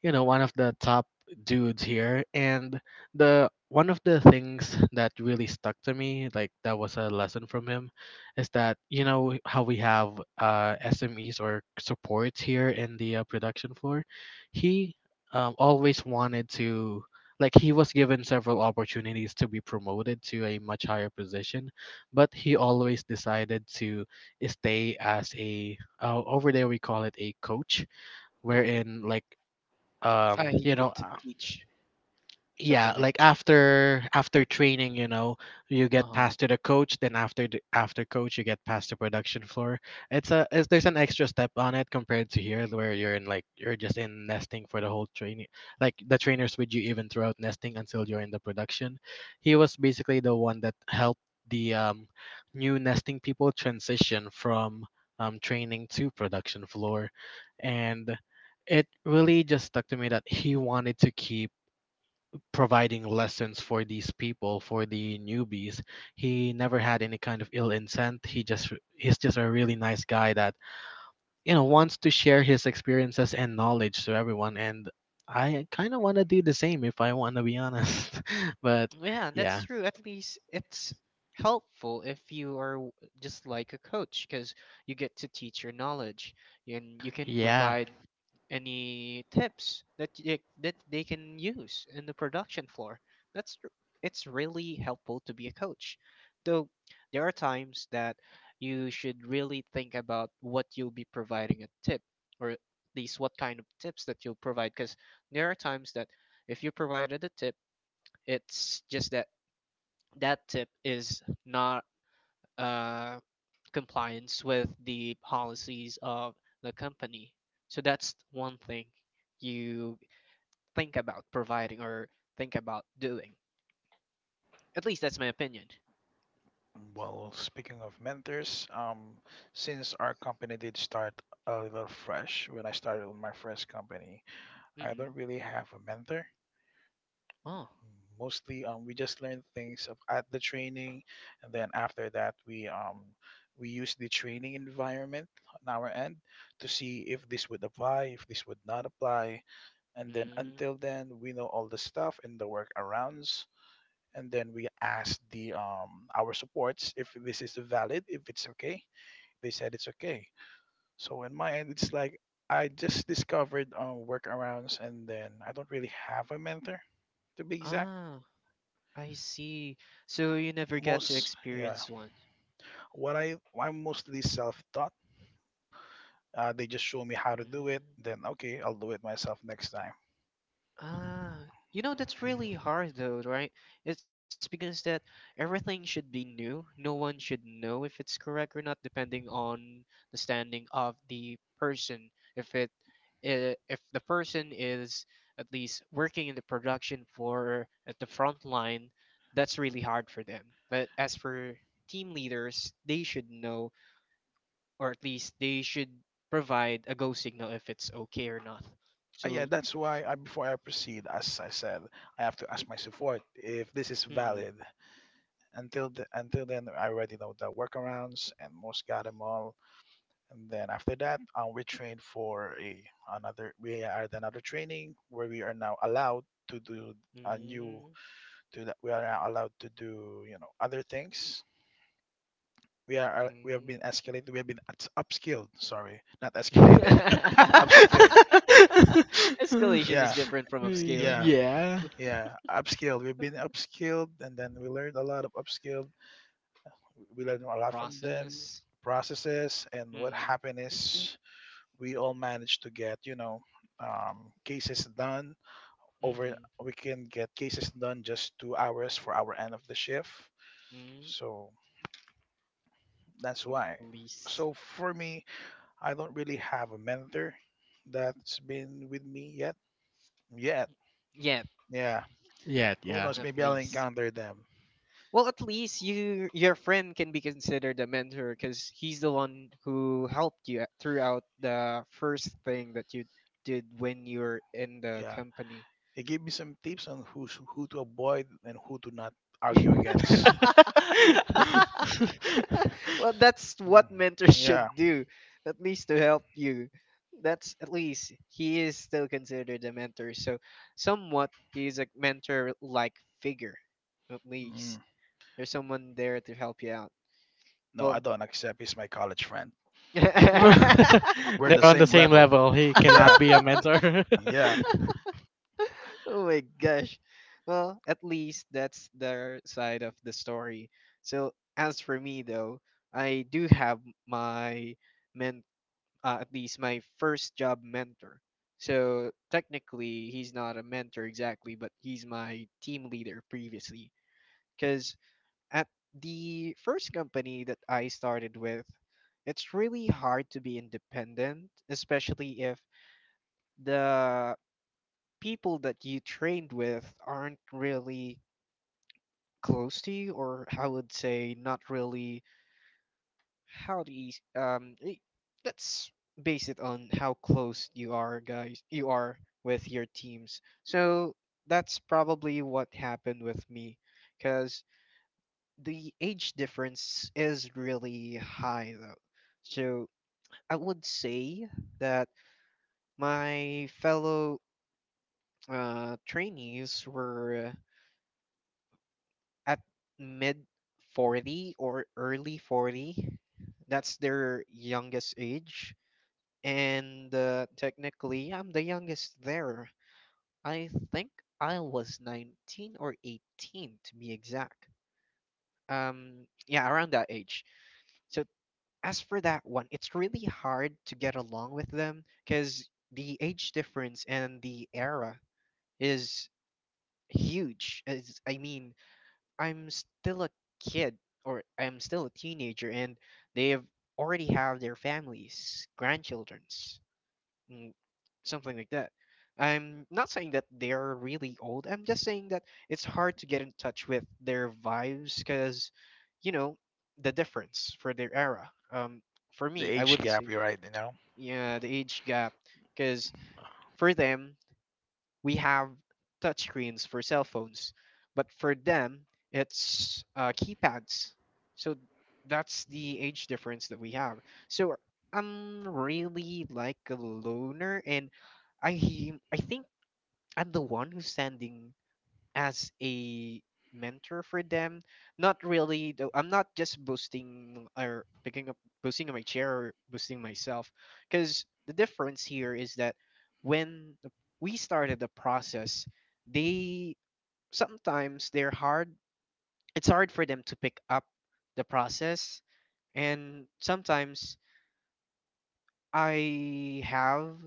Speaker 1: you know one of the top dudes here. And the one of the things that really stuck to me, like that was a lesson from him, is that you know how we have uh S M Es or supports here in the uh, production floor. He um, always wanted to, like, he was given several opportunities to be promoted to a much higher position, but he always decided to stay as a, uh, over there we call it a coach,
Speaker 2: Mm-hmm.
Speaker 1: wherein, like, um
Speaker 2: I
Speaker 1: you know
Speaker 2: get to
Speaker 1: uh,
Speaker 2: teach something
Speaker 1: yeah,
Speaker 2: like
Speaker 1: like after after training, you know you get
Speaker 2: uh
Speaker 1: passed to the coach, then after the after coach you get passed to production floor. It's a it's, there's an
Speaker 2: hmm,
Speaker 1: extra step on it compared to here where you're in, like, you're just in nesting for the whole training. Like the trainers with you even throughout nesting until you're in the production. He was basically the one that helped the um, new nesting people transition from um, training to production floor. And it really just stuck to me that he wanted to keep providing lessons for these people, for the newbies. He never had any kind of ill intent. He just he's just a really nice guy that you know wants to share his experiences and knowledge to everyone. And I kind of want to do the same, if I want to be honest. But
Speaker 2: yeah, that's
Speaker 1: yeah.
Speaker 2: true. At least it's helpful if you are w- just like a coach because you get to teach your knowledge and you can
Speaker 1: Yeah.
Speaker 2: provide any tips that they, that they can use in the production floor. That's r- it's really helpful to be a coach. Though there are times that you should really think about what you'll be providing a tip or at least what kind of tips that you'll provide because there are times that if you provided a tip, it's just that that tip is not uh, compliance with the policies of the company. So that's one thing you think about providing or think about doing. At least that's my opinion.
Speaker 3: Well, speaking of mentors, um, since our company did start a little fresh when I started with my first company, I don't
Speaker 2: Mm-hmm.
Speaker 3: really have a mentor.
Speaker 2: Oh.
Speaker 3: Mostly, um, we just learn things of, at the training, and then after that, we um, we use the training environment on our end to see if this would apply, if this would not apply, and then
Speaker 2: Mm.
Speaker 3: until then, we know all the stuff and the workarounds, and then we asked the um our supports if this is valid, if it's okay. They said it's okay. So in my end, it's like I just discovered uh, workarounds, and then I don't really have a mentor to be exact.
Speaker 2: Ah, I see. So you never got to
Speaker 3: Most yeah,
Speaker 2: experience one.
Speaker 3: what I I'm mostly self-taught. Uh, they just show me how to do it. Then okay, I'll do it myself next time.
Speaker 2: Ah, you know that's really hard though, right? It's because that everything should be new. No one should know if it's correct or not, depending on the standing of the person. If it, I- if the person is at least working in the production for at the front line, that's really hard for them. But as for team leaders, they should know or at least they should provide a go signal if it's okay or not.
Speaker 3: Uh, yeah,
Speaker 2: So,
Speaker 3: that's why I, before I proceed, as I said, I have to ask my support if this is
Speaker 2: mm,
Speaker 3: valid. Until the, until then I already know the workarounds and most got them all, and then after that um, we trained for a another we had another training where we are now allowed to do a new
Speaker 2: mm,
Speaker 3: to that we are now allowed to do you know other things. We are uh, we have been escalated, we have been ups- upskilled, sorry, not
Speaker 2: mm.
Speaker 3: escalated, upskilled.
Speaker 2: Escalation is
Speaker 3: yeah
Speaker 2: different from upscaling,
Speaker 3: yeah
Speaker 2: though.
Speaker 1: Yeah,
Speaker 3: yeah Upskilled, we've been upskilled, and then we learned a lot of upskilled we learned a lot from them
Speaker 2: Process.
Speaker 3: processes, and what
Speaker 2: Mm-hmm.
Speaker 3: happened is we all managed to get you know um, cases done over
Speaker 2: Mm-hmm.
Speaker 3: we can get cases done just two hours for our end of the shift,
Speaker 2: Mm.
Speaker 3: so that's
Speaker 2: At
Speaker 3: why.
Speaker 2: least.
Speaker 3: So for me, I don't really have a mentor that's been with me yet yet.
Speaker 2: Yeah,
Speaker 3: Yeah,
Speaker 1: yeah,
Speaker 3: who
Speaker 1: yeah.
Speaker 3: knows,
Speaker 2: at
Speaker 3: maybe I'll
Speaker 2: least.
Speaker 3: encounter them.
Speaker 2: Well, at least you your friend can be considered a mentor because he's the one who helped you at- throughout the first thing that you did when you were in the
Speaker 3: Yeah,
Speaker 2: company.
Speaker 3: it gave me some tips on who who to avoid and who to not argue against.
Speaker 2: Well, that's
Speaker 3: Mm.
Speaker 2: what mentors
Speaker 3: Yeah.
Speaker 2: should do, at least to help you. That's at least he is still considered a mentor. So, somewhat he is a mentor like figure. At
Speaker 3: Mm.
Speaker 2: least there's someone there to help you out.
Speaker 3: No, I
Speaker 2: Well,
Speaker 3: don't accept. He's my college friend. We're
Speaker 1: They're
Speaker 3: the
Speaker 1: on the
Speaker 3: same
Speaker 1: same
Speaker 3: level.
Speaker 1: level. He cannot
Speaker 3: Yeah,
Speaker 1: be a mentor.
Speaker 3: yeah.
Speaker 2: oh my gosh. Well, at least that's their side of the story. So as for me though, I do have my men uh, at least my first job mentor. So technically he's not a mentor exactly, but he's my team leader previously, cuz at the first company that I started with, it's really hard to be independent, especially if the people that you trained with aren't really close to you, or I would say not really how do you um i- let's base it on how close you are guys you are with your teams. So that's probably what happened with me because the age difference is really high though. So I would say that my fellow uh, trainees were at mid forty or early forty. That's their youngest age. And uh, technically, I'm the youngest there. I think I was nineteen or eighteen to be exact. Um, yeah, around that age. So, as for that one, it's really hard to get along with them because the age difference and the era is huge. As, I mean, I'm still a kid or I'm still a teenager and they've already have their families, grandchildrens, mm, something like that. I'm not saying that they're really old. I'm just saying that it's hard to get in touch with their vibes cuz you know the difference for their era. Um, for
Speaker 3: The
Speaker 2: me, I
Speaker 3: age
Speaker 2: would
Speaker 3: gap,
Speaker 2: say
Speaker 3: you're right. You know,
Speaker 2: yeah, the age gap cuz for them we have touchscreens for cell phones, but for them, it's uh, keypads. So that's the age difference that we have. So I'm really like a loner, and I I think I'm the one who's standing as a mentor for them, not really though, I'm not just boosting or picking up boosting my chair or boosting myself because the difference here is that when the- we started the process they sometimes they're hard it's hard for them to pick up the process and sometimes I have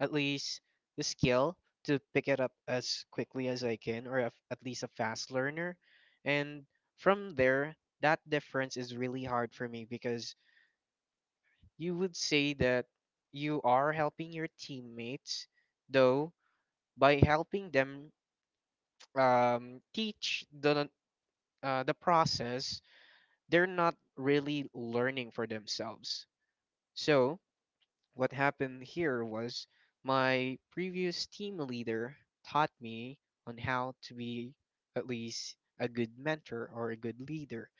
Speaker 2: at least the skill to pick it up as quickly as I can, or af- at least a fast learner. And from there, that difference is really hard for me because you would say that you are helping your teammates, though by helping them um, teach the uh, the process, they're not really learning for themselves. So what happened here was my previous team leader taught me on how to be at least a good mentor or a good leader,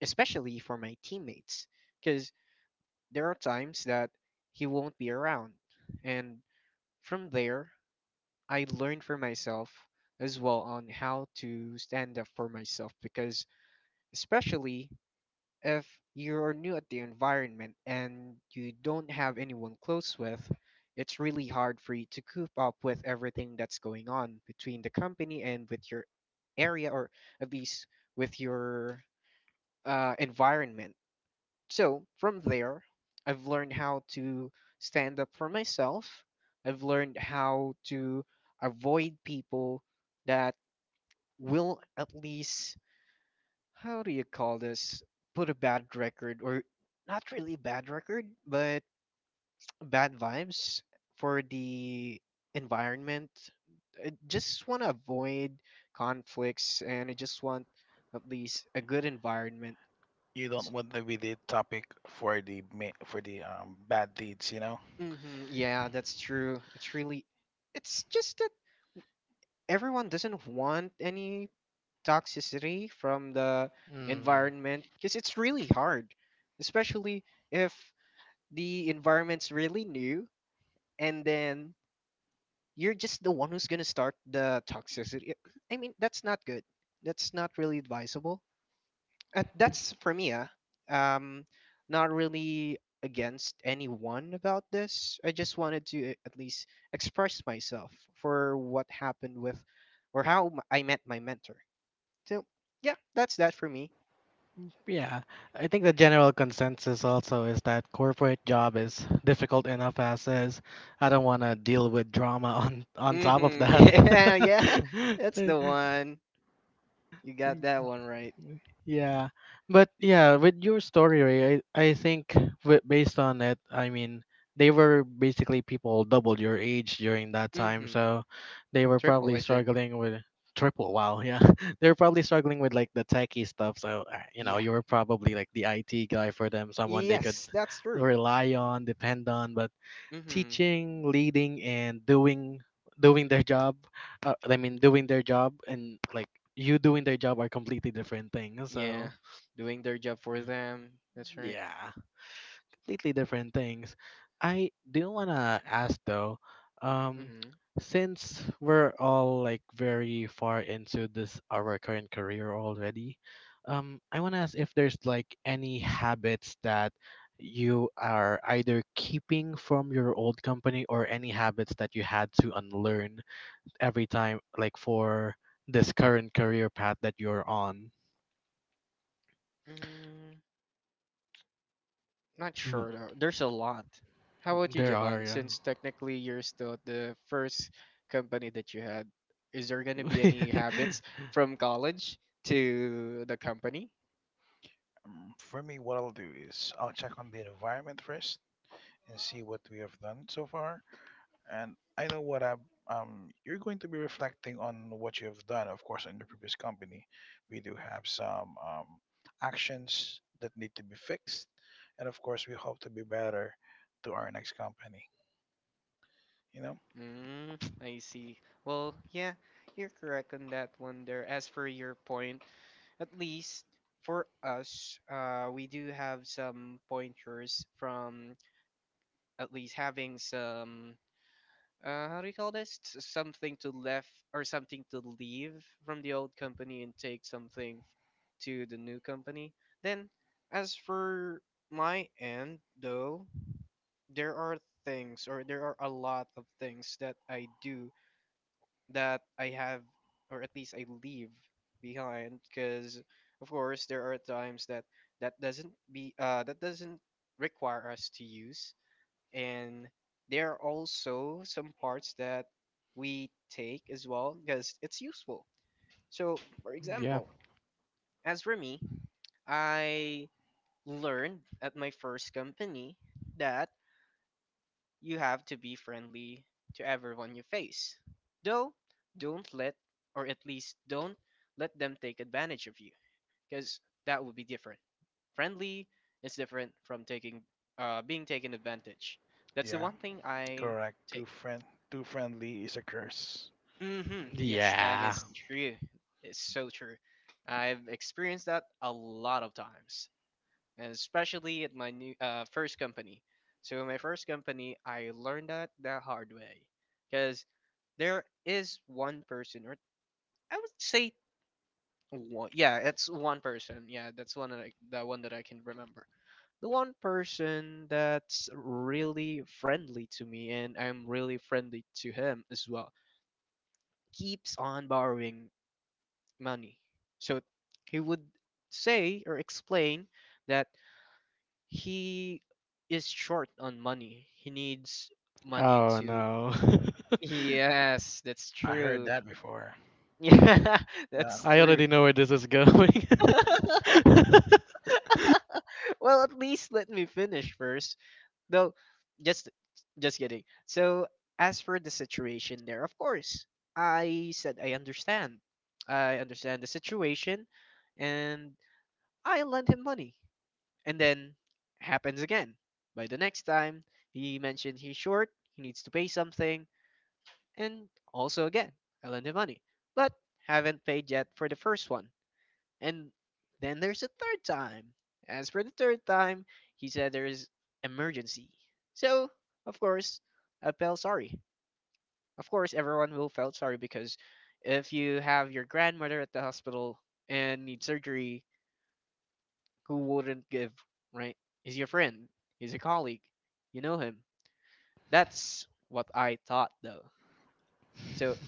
Speaker 2: especially for my teammates, because there are times that he won't be around. And from there, I learned for myself as well on how to stand up for myself because especially if you're new at the environment and you don't have anyone close with, it's really hard for you to keep up with everything that's going on between the company and with your area, or at least with your uh, environment. So from there, I've learned how to stand up for myself. I've learned how to avoid people that will at least how do you call this? Put a bad record, or not really bad record, but bad vibes for the environment. I just want to avoid conflicts, and I just want at least a good environment.
Speaker 3: you don't want to be the topic for the ma- for the um, bad deeds. You know,
Speaker 2: Mm-hmm, yeah, that's true. It's really, it's just that everyone doesn't want any toxicity from the
Speaker 1: Hmm.
Speaker 2: environment because it's really hard, especially if the environment's really new and then you're just the one who's going to start the toxicity. I mean, that's not good. That's not really advisable. And that's for me, ah. Um, Not really against anyone about this. I just wanted to a- at least express myself for what happened with or how m- I met my mentor. So, yeah, that's that for me.
Speaker 1: Yeah, I think the general consensus also is that corporate job is difficult enough as is. I don't want to deal with drama on on top of
Speaker 2: Mhm.
Speaker 1: that.
Speaker 2: Yeah, yeah. That's the one. You got that one right.
Speaker 1: Yeah, but yeah, with your story, Ray, I I think with, based on it, I mean, they were basically people double your age during that time,
Speaker 2: Mhm.
Speaker 1: so they were
Speaker 2: Triple,
Speaker 1: probably
Speaker 2: I think.
Speaker 1: struggling with triple. Wow, yeah, they were probably struggling with, like, the techie stuff. So, uh, you know,
Speaker 2: Yeah.
Speaker 1: you were probably like the I T guy for them, someone they could
Speaker 2: Yes, that's true.
Speaker 1: rely on, depend on. But
Speaker 2: Mm-hmm.
Speaker 1: teaching, leading, and doing doing their job. Uh, I mean, doing their job and like you doing their job are completely different things.
Speaker 2: Yeah.
Speaker 1: So
Speaker 2: Doing their job for them. That's right.
Speaker 1: yeah, completely different things. I do want to ask though, um,
Speaker 2: Mm-hmm.
Speaker 1: since we're all like very far into this our current career already, um, I want to ask if there's like any habits that you are either keeping from your old company or any habits that you had to unlearn every time, like for this current career path that you're on.
Speaker 2: Mm, Not
Speaker 1: Mhm.
Speaker 2: sure though. There's a lot. How about you,
Speaker 1: There are,
Speaker 2: Javon?
Speaker 1: yeah.
Speaker 2: Since technically you're still at the first company that you had, is there gonna be any habits from college to the company?
Speaker 3: um, for me, what I'll do is I'll check on the environment first and see what we have done so far. And I know what I'm, um, you're going to be reflecting on what you've done, of course, in your previous company. We do have some um, actions that need to be fixed. And of course, we hope to be better to our next company. You know?
Speaker 2: Mm, I see. Well, yeah, you're correct on that one there. As for your point, at least for us, uh, we do have some pointers from at least having some uh, how do you call this? S- Something to left or something to leave from the old company and take something f- to the new company. Then, as for my end, though, there are things or there are a lot of things that I do that I have or at least I leave behind because of course there are times that that doesn't be uh that doesn't require us to use and there are also some parts that we take as well because it's useful. So, for
Speaker 1: yeah.
Speaker 2: example, as for me, I learned at my first company that you have to be friendly to everyone you face. Though, don't let, or at least don't let them take advantage of you because that would be different. Friendly is different from taking, uh, being taken advantage. That's the
Speaker 3: Yeah,
Speaker 2: one thing I
Speaker 3: correct. Too,
Speaker 2: take.
Speaker 3: friend, too friendly is a curse.
Speaker 2: hmm Yes, that
Speaker 1: Yeah.
Speaker 2: is true. It's so true. I've experienced that a lot of times, and especially at my new uh, first company. So in my first company, I learned that the hard way, because there is one person, or I would say one. Yeah, it's one person. Yeah, that's one that I, the one that I can remember. The one person that's really friendly to me, and I'm really friendly to him as well keeps on borrowing money. So he would say or explain that he is short on money. He needs money
Speaker 1: Oh
Speaker 2: to.
Speaker 1: no.
Speaker 2: Yes, that's
Speaker 3: I heard
Speaker 2: true.
Speaker 3: that before.
Speaker 2: Yeah,
Speaker 3: Yeah.
Speaker 2: that's
Speaker 1: I
Speaker 2: true.
Speaker 1: already know where this is going.
Speaker 2: Well, at least let me finish first. No, just just kidding. So, as for the situation there, of course, I said I understand. I understand the situation, and I lent him money. And then happens again. By the next time, he mentioned he's short, he needs to pay something, and also again, I lend him money, but haven't paid yet for the first one. And then there's a third time. As for the third time, he said there is emergency. So, of course, I felt sorry. Of course, everyone will felt sorry because if you have your grandmother at the hospital and need surgery, who wouldn't give, right? He's your friend, he's a colleague, you know him. That's what I thought though. So,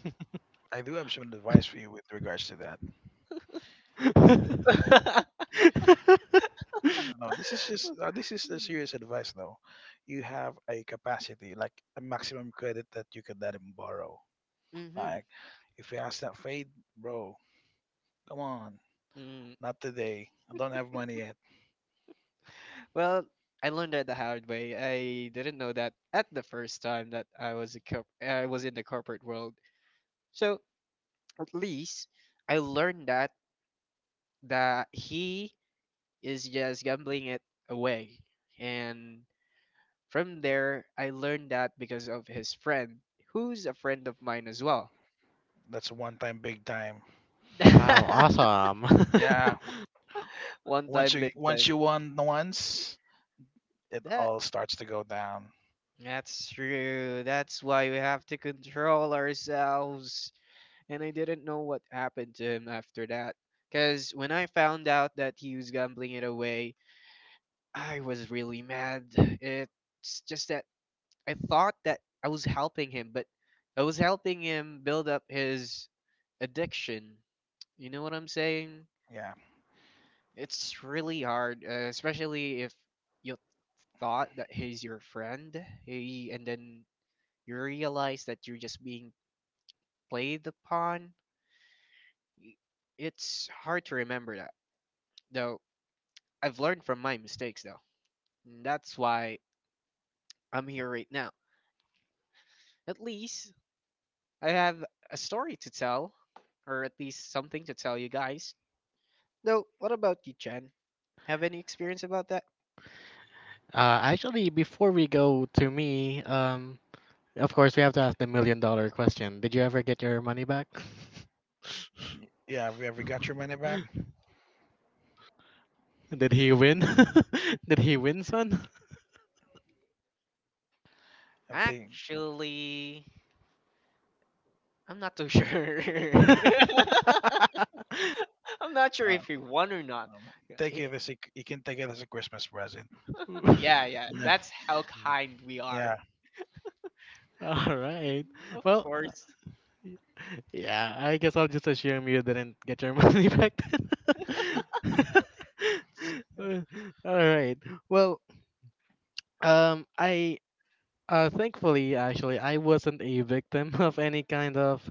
Speaker 3: I do have some advice for you with regards to that.
Speaker 2: hmm
Speaker 3: Uh, No, this is just uh, this is the serious advice though. You have a capacity, like a maximum credit that you can let him borrow. Like if he has that fade, bro, come on,
Speaker 2: mm.
Speaker 3: not today. I don't have money yet.
Speaker 2: well, I learned that the hard way. I didn't know that at the first time that I was a corp- I was in the corporate world. So, at least I learned that that he is just gambling it away. And from there, I learned that because of his friend, who's a friend of mine as well.
Speaker 3: That's a one time, big time.
Speaker 1: Wow, awesome. Uh,
Speaker 3: Yeah,
Speaker 2: One
Speaker 3: once
Speaker 2: time,
Speaker 3: you
Speaker 2: big
Speaker 3: once
Speaker 2: time.
Speaker 3: you won once, it
Speaker 2: That
Speaker 3: all starts to go down.
Speaker 2: That's true. That's why we have to control ourselves. And I didn't know what happened to him after that. Because when I found out that he was gambling it away, I was really mad. It's just that I thought that I was helping him, but I was helping him build up his addiction. You know what I'm saying?
Speaker 3: Yeah,
Speaker 2: It's really hard, uh, especially if you thought that he's your friend, he, and then you realize that you're just being played upon. Y- It's hard to remember that. Though I've learned from my mistakes, though. And that's why I'm here right now. At least I have a story to tell, or at least something to tell you guys. Though, what about you, Chen? Have any experience about that?
Speaker 1: actually, before we go to me, um, of course, we have to ask the million dollar question. Did you ever get your money back?
Speaker 3: yeah. Have you ever got your money back?
Speaker 1: Did he win? Did he win, son?
Speaker 3: If they,
Speaker 2: Actually, I'm not too sure. I'm not sure
Speaker 3: uh,
Speaker 2: if he won or not.
Speaker 3: um,
Speaker 2: Yeah,
Speaker 3: take it
Speaker 2: he-
Speaker 3: as a, you can take it as a Christmas present.
Speaker 2: yeah, yeah, that's how kind we are.
Speaker 3: Yeah,
Speaker 1: All right.
Speaker 2: Of
Speaker 1: Well,
Speaker 2: course.
Speaker 1: yeah, I guess I'll just assume you didn't get your money back then.
Speaker 3: yeah. It's- yeah.
Speaker 1: All right. Well, um, I, uh, thankfully actually I wasn't a victim of any kind of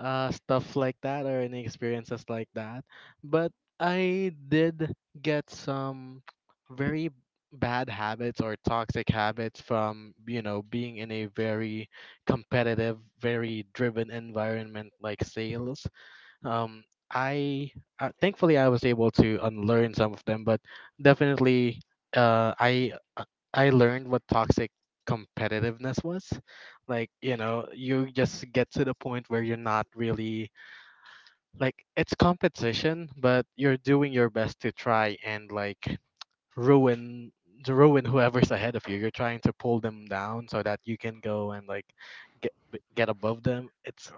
Speaker 1: uh stuff like that or any experiences like that, but I did get some very bad habits or toxic habits from you know being in a very competitive, very driven environment like sales. um, I, uh, thankfully I was able to unlearn some of them, but definitely, uh, I uh, I learned what toxic competitiveness was. Like, you know, you just get to the point where you're not really, like, it's competition, but you're doing your best to try and like ruin to ruin whoever's ahead of you. You're trying to pull them down so that you can go and like get get above them. It's,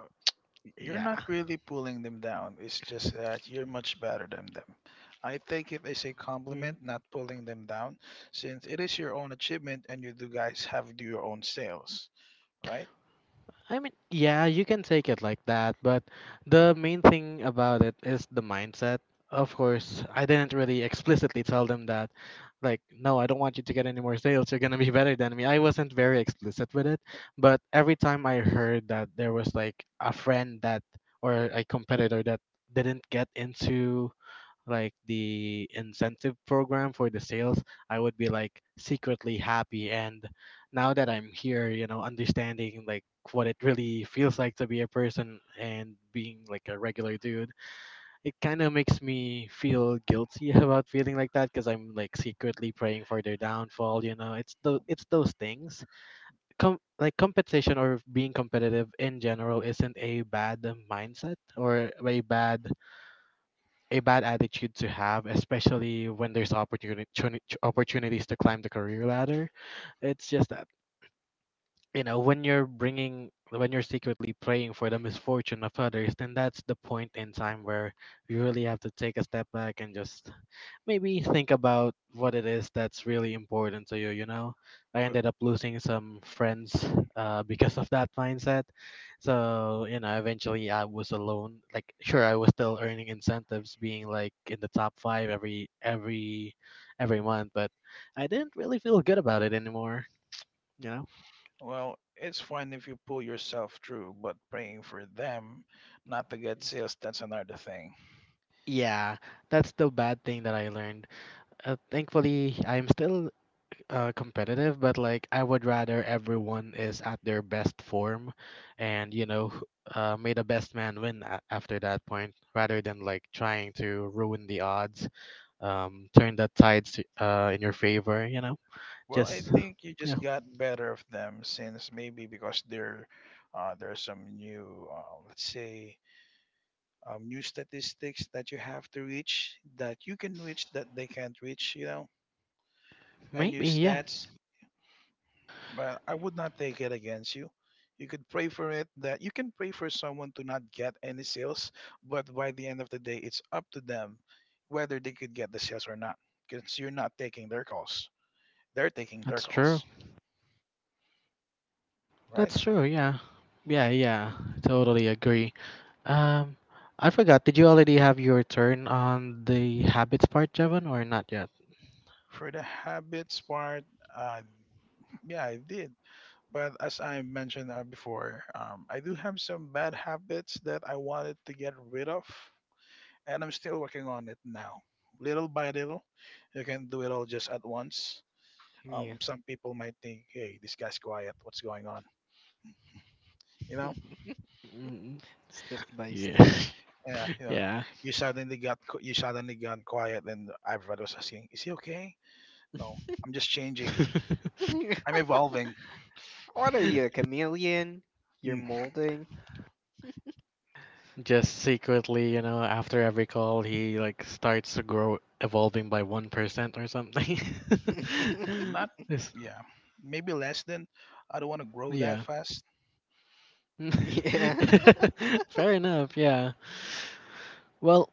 Speaker 3: You're not
Speaker 1: yeah.
Speaker 3: really pulling them down. It's just that you're much better than them. I think it is a
Speaker 1: Mm-hmm.
Speaker 3: compliment, not pulling them down, since it is your own achievement and you do guys have do your own sales, right?
Speaker 1: I mean, yeah, you can take it like that, but the main thing about it is the mindset. Of course, I didn't really explicitly tell them that, like, no, I don't want you to get any more sales. You're gonna be better than me. I wasn't very explicit with it, but every time I heard that there was like a friend that, or a competitor that didn't get into like the incentive program for the sales, I would be like secretly happy. And now that I'm here, you know, understanding like what it really feels like to be a person and being like a regular dude, it kind of makes me feel guilty about feeling like that because I'm like secretly praying for their downfall. You know, it's the it's those things. Com- like competition or being competitive in general isn't a bad mindset or a bad a bad attitude to have, especially when there's opportunity opportunities to climb the career ladder. It's just that, you know, when you're bringing when you're secretly praying for the misfortune of others, then that's the point in time where you really have to take a step back and just maybe think about what it is that's really important to you, you know. I
Speaker 3: W-
Speaker 1: ended up losing some friends, uh, because of that mindset. So you know eventually I was alone, like, sure, I was still earning incentives, being like in the top five every every every month. But I didn't really feel good about it anymore, you know.
Speaker 3: Well, it's fine if you pull yourself through, but praying for them not to get sales, that's another thing.
Speaker 1: Yeah, that's the bad thing that I learned. Uh, thankfully I'm still uh, competitive, but like I would rather everyone is at their best form, and you know, wh- uh, may the best man win a- after that point, rather than like trying to ruin the odds, um, turn the tides to- uh, in your favor. You know,
Speaker 3: Well, I
Speaker 1: just
Speaker 3: think you
Speaker 1: yeah,
Speaker 3: just got better of them since maybe because there, uh, there's some new, uh, let's say, um, new statistics that you have to reach that you can reach that they can't reach, you know, and new
Speaker 1: maybe yeah,
Speaker 3: stats. But I would not take it against you. You could pray for it that you can pray for someone to not get any sales, but by the end of the day, it's up to them whether they could get the sales or not because you're not taking their calls. They're taking their
Speaker 1: that's true.
Speaker 3: calls, right?
Speaker 1: That's true. Yeah, yeah, yeah. Totally agree. Um, I forgot. Did you already have your turn on the habits part, Jevon, or not yet?
Speaker 3: For the habits part, uh, yeah, I did. But as I mentioned uh, before, um, I do have some bad habits that I wanted to get rid of, and I'm still working on it now. Little by little, you can do it all just at once.
Speaker 2: Yeah.
Speaker 3: Um, some people might think, "Hey, this guy's quiet. What's going on?" You know,
Speaker 1: Mm,
Speaker 2: Step by
Speaker 1: yeah.
Speaker 2: step.
Speaker 3: yeah, you know,
Speaker 1: yeah.
Speaker 3: you suddenly got qu- you suddenly got quiet, and everybody was asking, "Is he okay?" No, I'm just changing. I'm evolving.
Speaker 2: what are you, a chameleon? You're
Speaker 3: Mm,
Speaker 2: molding?
Speaker 1: Just secretly, you know, after every call, he like starts to grow, evolving by one percent or something.
Speaker 3: yeah, not
Speaker 1: This-
Speaker 3: yeah, maybe less than I don't want to grow that
Speaker 1: yeah.
Speaker 3: fast.
Speaker 2: Yeah.
Speaker 1: Fair enough, yeah. Well,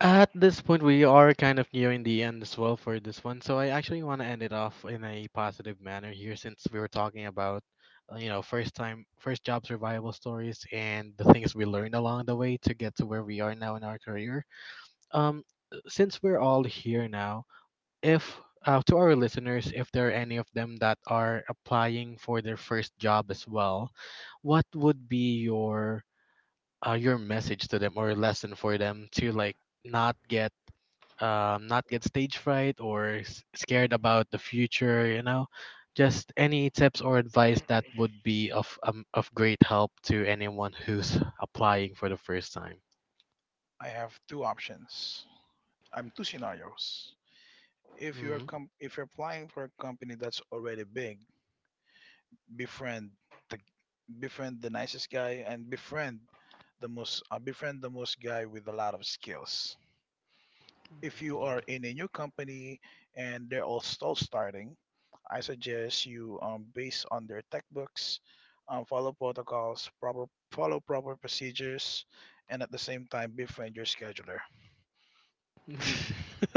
Speaker 1: at this point, we are kind of nearing the end as well for this one, so I actually want to end it off in a positive manner here since we were talking about, uh, you know, first time, first job survival stories and the things we learned along the way to get to where we are now in our career. um, since we're all here now, if uh, to our listeners, if there are any of them that are applying for their first job as well, what would be your, uh, your message to them or lesson for them to like not get, um, not get stage fright or s- scared about the future? You know, just any tips or advice that would be of, um, of great help to anyone who's applying for the first time.
Speaker 3: I have two options. I'm two scenarios. If you're
Speaker 1: Mm-hmm.
Speaker 3: com- if you're applying for a company that's already big, befriend the befriend the nicest guy and befriend the most uh, befriend the most guy with a lot of skills. If you are in a new company and they're all still starting, I suggest you um, based on their tech books, um, follow protocols, proper follow proper procedures, and at the same time befriend your scheduler.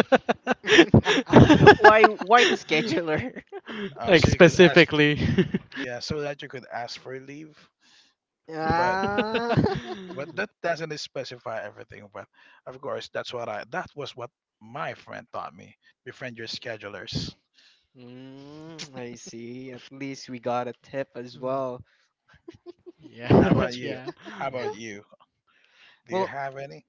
Speaker 2: why why the scheduler?
Speaker 3: uh,
Speaker 1: Like
Speaker 3: so you could ask
Speaker 1: specifically.
Speaker 3: yeah, so that you could ask for leave. But
Speaker 2: Ah.
Speaker 3: but that doesn't specify everything. But of course, that's what I that was what my friend taught me. Befriend your schedulers.
Speaker 2: Mm, I see. At least we got a tip as well.
Speaker 3: How
Speaker 2: Well,
Speaker 1: yeah,
Speaker 3: about
Speaker 2: tr-
Speaker 3: you?
Speaker 1: yeah,
Speaker 3: How about you? Do you
Speaker 2: well,
Speaker 3: have any?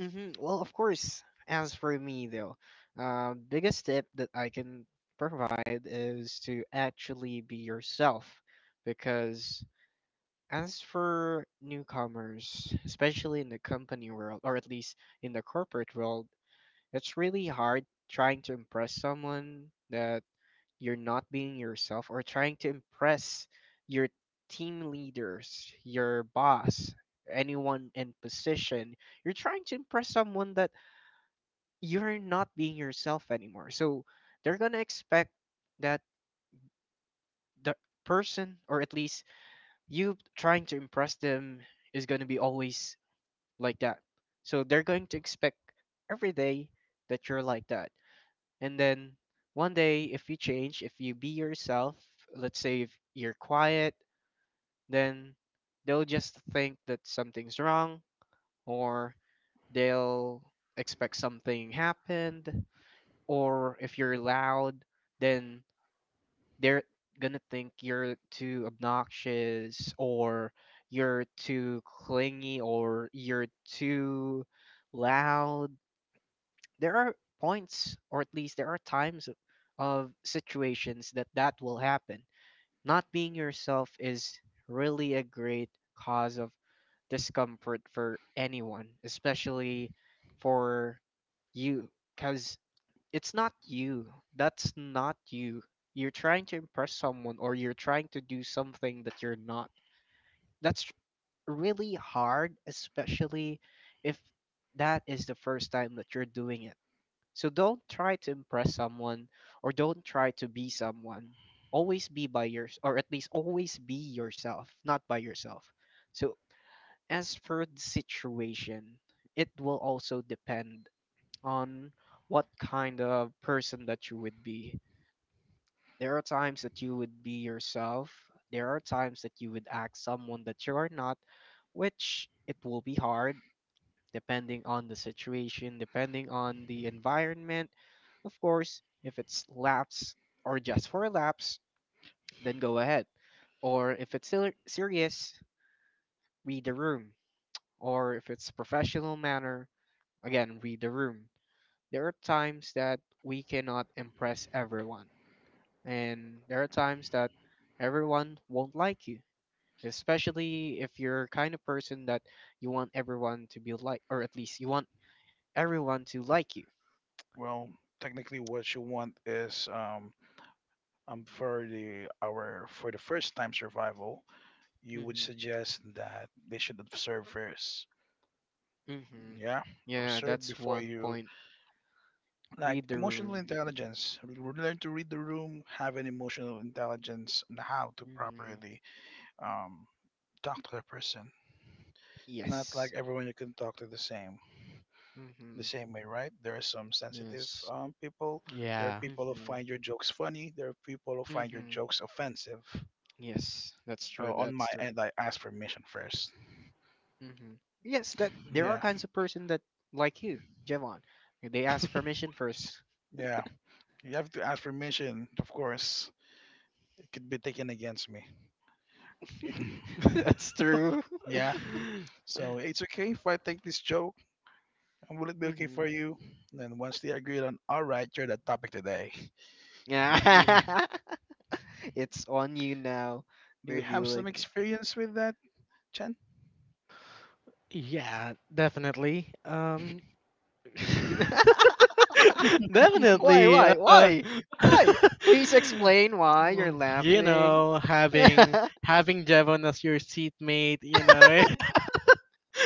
Speaker 2: mhm, well, of course. As for me though, uh, biggest tip that I can provide is to actually be yourself, because as for newcomers, especially in the company world, or at least in the corporate world, it's really hard trying to impress someone that you're not being yourself or trying to impress your team leaders, your boss, anyone in position. You're trying to impress someone that you're not being yourself anymore. So they're going to expect that the person, or at least you trying to impress them, is going to be always like that. So they're going to expect every day that you're like that. And then one day, if you change, if you be yourself, let's say if you're quiet, then they'll just think that something's wrong, or they'll expect something happened, or if you're loud, then they're gonna think you're too obnoxious, or you're too clingy, or you're too loud. There are points or at least there are times of, of situations that that will happen. Not being yourself is really a great cause of discomfort for anyone, especially for you, cuz it's not you. That's not you. You're trying to impress someone or you're trying to do something that you're not. That's really hard, especially if that is the first time that you're doing it. So don't try to impress someone or don't try to be someone. Always be by your or at least always be yourself, not by yourself. So as for the situation, it will also depend on what kind of person that you would be. There are times that you would be yourself. There are times that you would act someone that you are not, which it will be hard depending on the situation, depending on the environment. Of course, if it's laps or just for laps, then go ahead. Or if it's ser- serious, read the room. Or if it's professional manner, again, read the room. There are times that we cannot impress everyone, and there are times that everyone won't like you. Especially if you're kind of person that you want everyone to be like, or at least you want everyone to like you.
Speaker 3: Well, technically, what you want is um um for the our for the first time survival, you would
Speaker 2: hmm
Speaker 3: suggest that they should observe first.
Speaker 2: hmm
Speaker 3: Yeah,
Speaker 2: Yeah,
Speaker 3: observe
Speaker 2: that's
Speaker 3: before
Speaker 2: one
Speaker 3: you,
Speaker 2: point.
Speaker 3: like,
Speaker 2: Read the
Speaker 3: emotional
Speaker 2: room.
Speaker 3: intelligence, r- learn to read the room, have an emotional intelligence on how to
Speaker 2: hmm
Speaker 3: properly um, talk to the person. Not
Speaker 2: Yes.
Speaker 3: like everyone you can talk to the same the
Speaker 2: hmm
Speaker 3: same way, right? There are some sensitive
Speaker 2: Yes.
Speaker 3: um, people. There are
Speaker 1: yeah.
Speaker 3: people who
Speaker 2: hmm
Speaker 3: find your jokes funny. There are people who find your
Speaker 2: hmm
Speaker 3: jokes offensive.
Speaker 2: Yes, that's
Speaker 3: uh,
Speaker 2: true.
Speaker 3: on
Speaker 2: That's
Speaker 3: my
Speaker 2: true.
Speaker 3: end, I ask permission first.
Speaker 2: hmm Yes, that there are
Speaker 3: Yeah,
Speaker 2: kinds of person that like you, Javon. They ask permission first.
Speaker 3: yeah, you have to ask permission, of course. It could be taken against me.
Speaker 1: Mm.
Speaker 2: That's true.
Speaker 3: Yeah, so it's okay if I take this joke. Will it be okay
Speaker 2: hmm
Speaker 3: for you? Then once they agreed on, all right, you're the topic today.
Speaker 2: Yeah, it's on you now.
Speaker 3: Do you
Speaker 2: You'll be
Speaker 3: have some
Speaker 2: like.
Speaker 3: experience with that, Chen?
Speaker 1: yeah, definitely. Um
Speaker 2: why,
Speaker 1: definitely
Speaker 2: why,
Speaker 1: uh
Speaker 2: why, why? Please explain why you're
Speaker 1: you
Speaker 2: laughing.
Speaker 1: know, having having Devon as your seatmate, you know.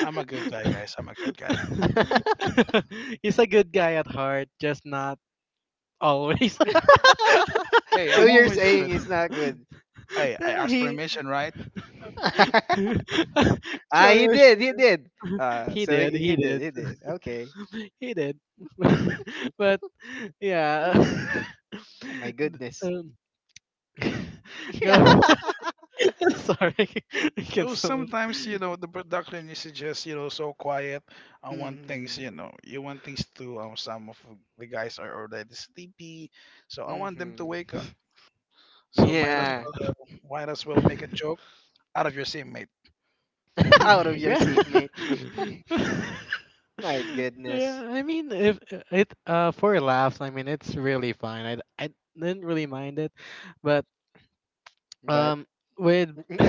Speaker 3: I'm a good guy, guys. I'm a good guy.
Speaker 1: He's a good guy at heart, just not always.
Speaker 3: Hey,
Speaker 2: So
Speaker 3: I'm
Speaker 2: you're
Speaker 3: always
Speaker 2: saying
Speaker 3: good.
Speaker 2: it's not good?
Speaker 3: Hey, I ask
Speaker 1: he
Speaker 3: permission, right?
Speaker 2: Ah, he
Speaker 1: sure,
Speaker 2: did, he
Speaker 1: sure
Speaker 2: did. Uh,
Speaker 1: he
Speaker 2: so
Speaker 1: did,
Speaker 2: he, he
Speaker 1: he
Speaker 2: did,
Speaker 1: did,
Speaker 2: he did. Okay.
Speaker 1: he did. But yeah,
Speaker 2: Oh my
Speaker 1: D-
Speaker 2: goodness.
Speaker 1: um, go. Sorry, I
Speaker 3: It
Speaker 1: can't.
Speaker 3: was sometimes, you know, the production is just, you know, so quiet. I want things,
Speaker 2: Mm-hmm.
Speaker 3: you know, you want things to, um, some of the guys are already sleepy. So I want them to
Speaker 2: Mm-hmm.
Speaker 3: wake up. So might as
Speaker 2: Yeah.
Speaker 3: well, uh, might as well make a joke out of your same mate.
Speaker 2: Out of your seat, mate.
Speaker 1: Re-
Speaker 2: My goodness.
Speaker 1: yeah, I mean, if it uh for laughs, I mean it's really fine. I I didn't really mind it, but
Speaker 2: But
Speaker 1: um with no,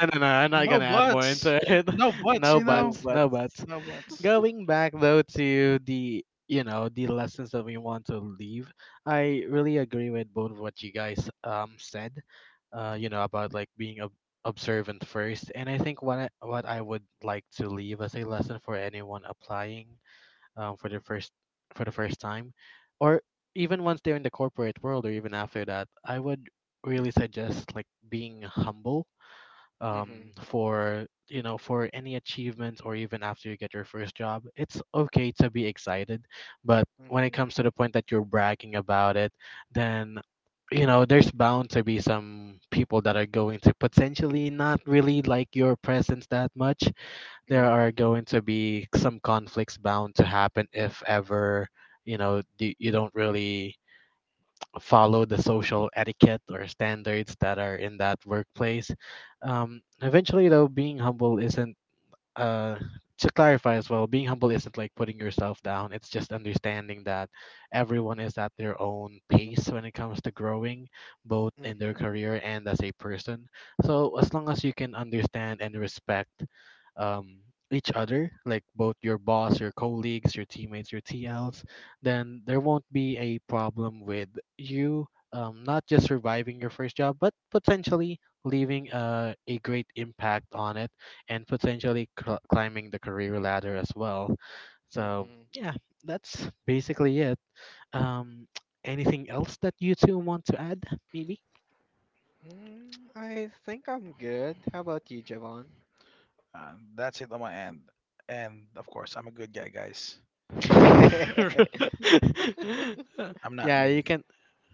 Speaker 1: no, no, no, I'm not
Speaker 3: No
Speaker 1: gonna add more
Speaker 3: buts.
Speaker 1: into it.
Speaker 3: No buts,
Speaker 1: No
Speaker 3: you
Speaker 2: no
Speaker 3: know?
Speaker 1: buts, no
Speaker 2: buts.
Speaker 1: buts.
Speaker 3: No buts.
Speaker 1: Going back though to the, you know the lessons that we want to leave, I really agree with both of what you guys um said, uh you know, about like being ob- observant first. And I think what I, what I would like to leave as a lesson for anyone applying um for the first for the first time or even once they're in the corporate world or even after that, I would really suggest like being humble.
Speaker 2: Mm-hmm.
Speaker 1: Um, for you know for any achievement, or even after you get your first job, it's okay to be excited, but when it
Speaker 2: Mhm.
Speaker 1: comes to the point that you're bragging about it, then you know there's bound to be some people that are going to potentially not really like your presence that much. There
Speaker 2: Yeah.
Speaker 1: are going to be some conflicts bound to happen if ever you know you, you don't really follow the social etiquette or standards that are in that workplace. Um, eventually, though, being humble isn't, uh to clarify as well, being humble isn't like putting yourself down. It's just understanding that everyone is at their own pace when it comes to growing, both in their
Speaker 2: Mhm.
Speaker 1: career and as a person. So as long as you can understand and respect um each other, like both your boss, your colleagues, your teammates, your T Ls, then there won't be a problem with you, um, not just surviving your first job, but potentially leaving, uh, a great impact on it and potentially cl- climbing the career ladder as well. So
Speaker 2: Mhm.
Speaker 1: yeah, that's basically it. Um, anything else that you two want to add? Maybe.
Speaker 2: Mm, I think I'm good. How about you, Javon?
Speaker 3: Uh, that's it on my end. And of course, I'm a good guy, guys. I'm not
Speaker 1: yeah, you
Speaker 3: mean.
Speaker 1: can.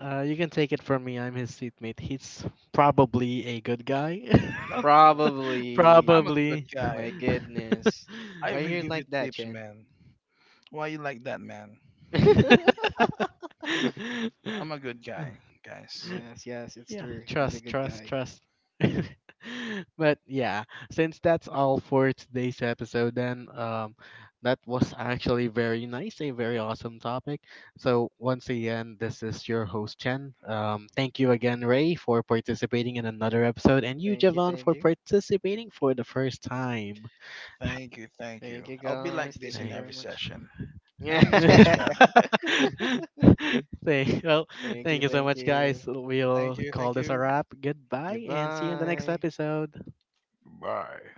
Speaker 1: Uh, you can take it from me. I'm his seatmate. He's probably a good guy.
Speaker 3: Not cool. I'm
Speaker 2: Probably.
Speaker 3: a good
Speaker 1: probably.
Speaker 2: My
Speaker 3: guy.
Speaker 2: goodness.
Speaker 3: I
Speaker 2: Why
Speaker 3: even
Speaker 2: you
Speaker 3: give you
Speaker 2: like that,
Speaker 3: tips,
Speaker 2: Chen?
Speaker 3: man. Why you like that, man? I'm a good guy, guys.
Speaker 2: Yes, yes, it's
Speaker 1: Yeah,
Speaker 2: true. He's a
Speaker 1: trust,
Speaker 2: good
Speaker 1: trust,
Speaker 2: guy.
Speaker 1: trust. But yeah, since that's all for today's episode, then um, that was actually very nice, a very awesome topic. So once again, this is your host Chen. Um, thank you again,
Speaker 2: Mhm.
Speaker 1: Ray, for participating in another episode, and you,
Speaker 2: Thank you,
Speaker 1: Javon,
Speaker 2: thank
Speaker 1: for
Speaker 2: you.
Speaker 1: participating for the first time.
Speaker 3: Thank you, thank
Speaker 2: Thank
Speaker 3: you.
Speaker 2: you,
Speaker 3: I'll be like
Speaker 2: guys.
Speaker 3: this
Speaker 2: Thank you
Speaker 3: in
Speaker 1: Thank.
Speaker 2: very
Speaker 3: every
Speaker 2: much.
Speaker 3: session. I think it's much
Speaker 2: Yeah.
Speaker 3: better.
Speaker 1: Thank, well,
Speaker 2: Thank you,
Speaker 1: thank you so
Speaker 2: thank
Speaker 1: much,
Speaker 2: you.
Speaker 1: guys.
Speaker 3: Thank
Speaker 1: We'll
Speaker 3: you,
Speaker 1: call
Speaker 3: thank
Speaker 1: this a
Speaker 3: you.
Speaker 1: wrap. Goodbye, and see you in the next
Speaker 2: Goodbye.
Speaker 1: episode.
Speaker 3: Bye.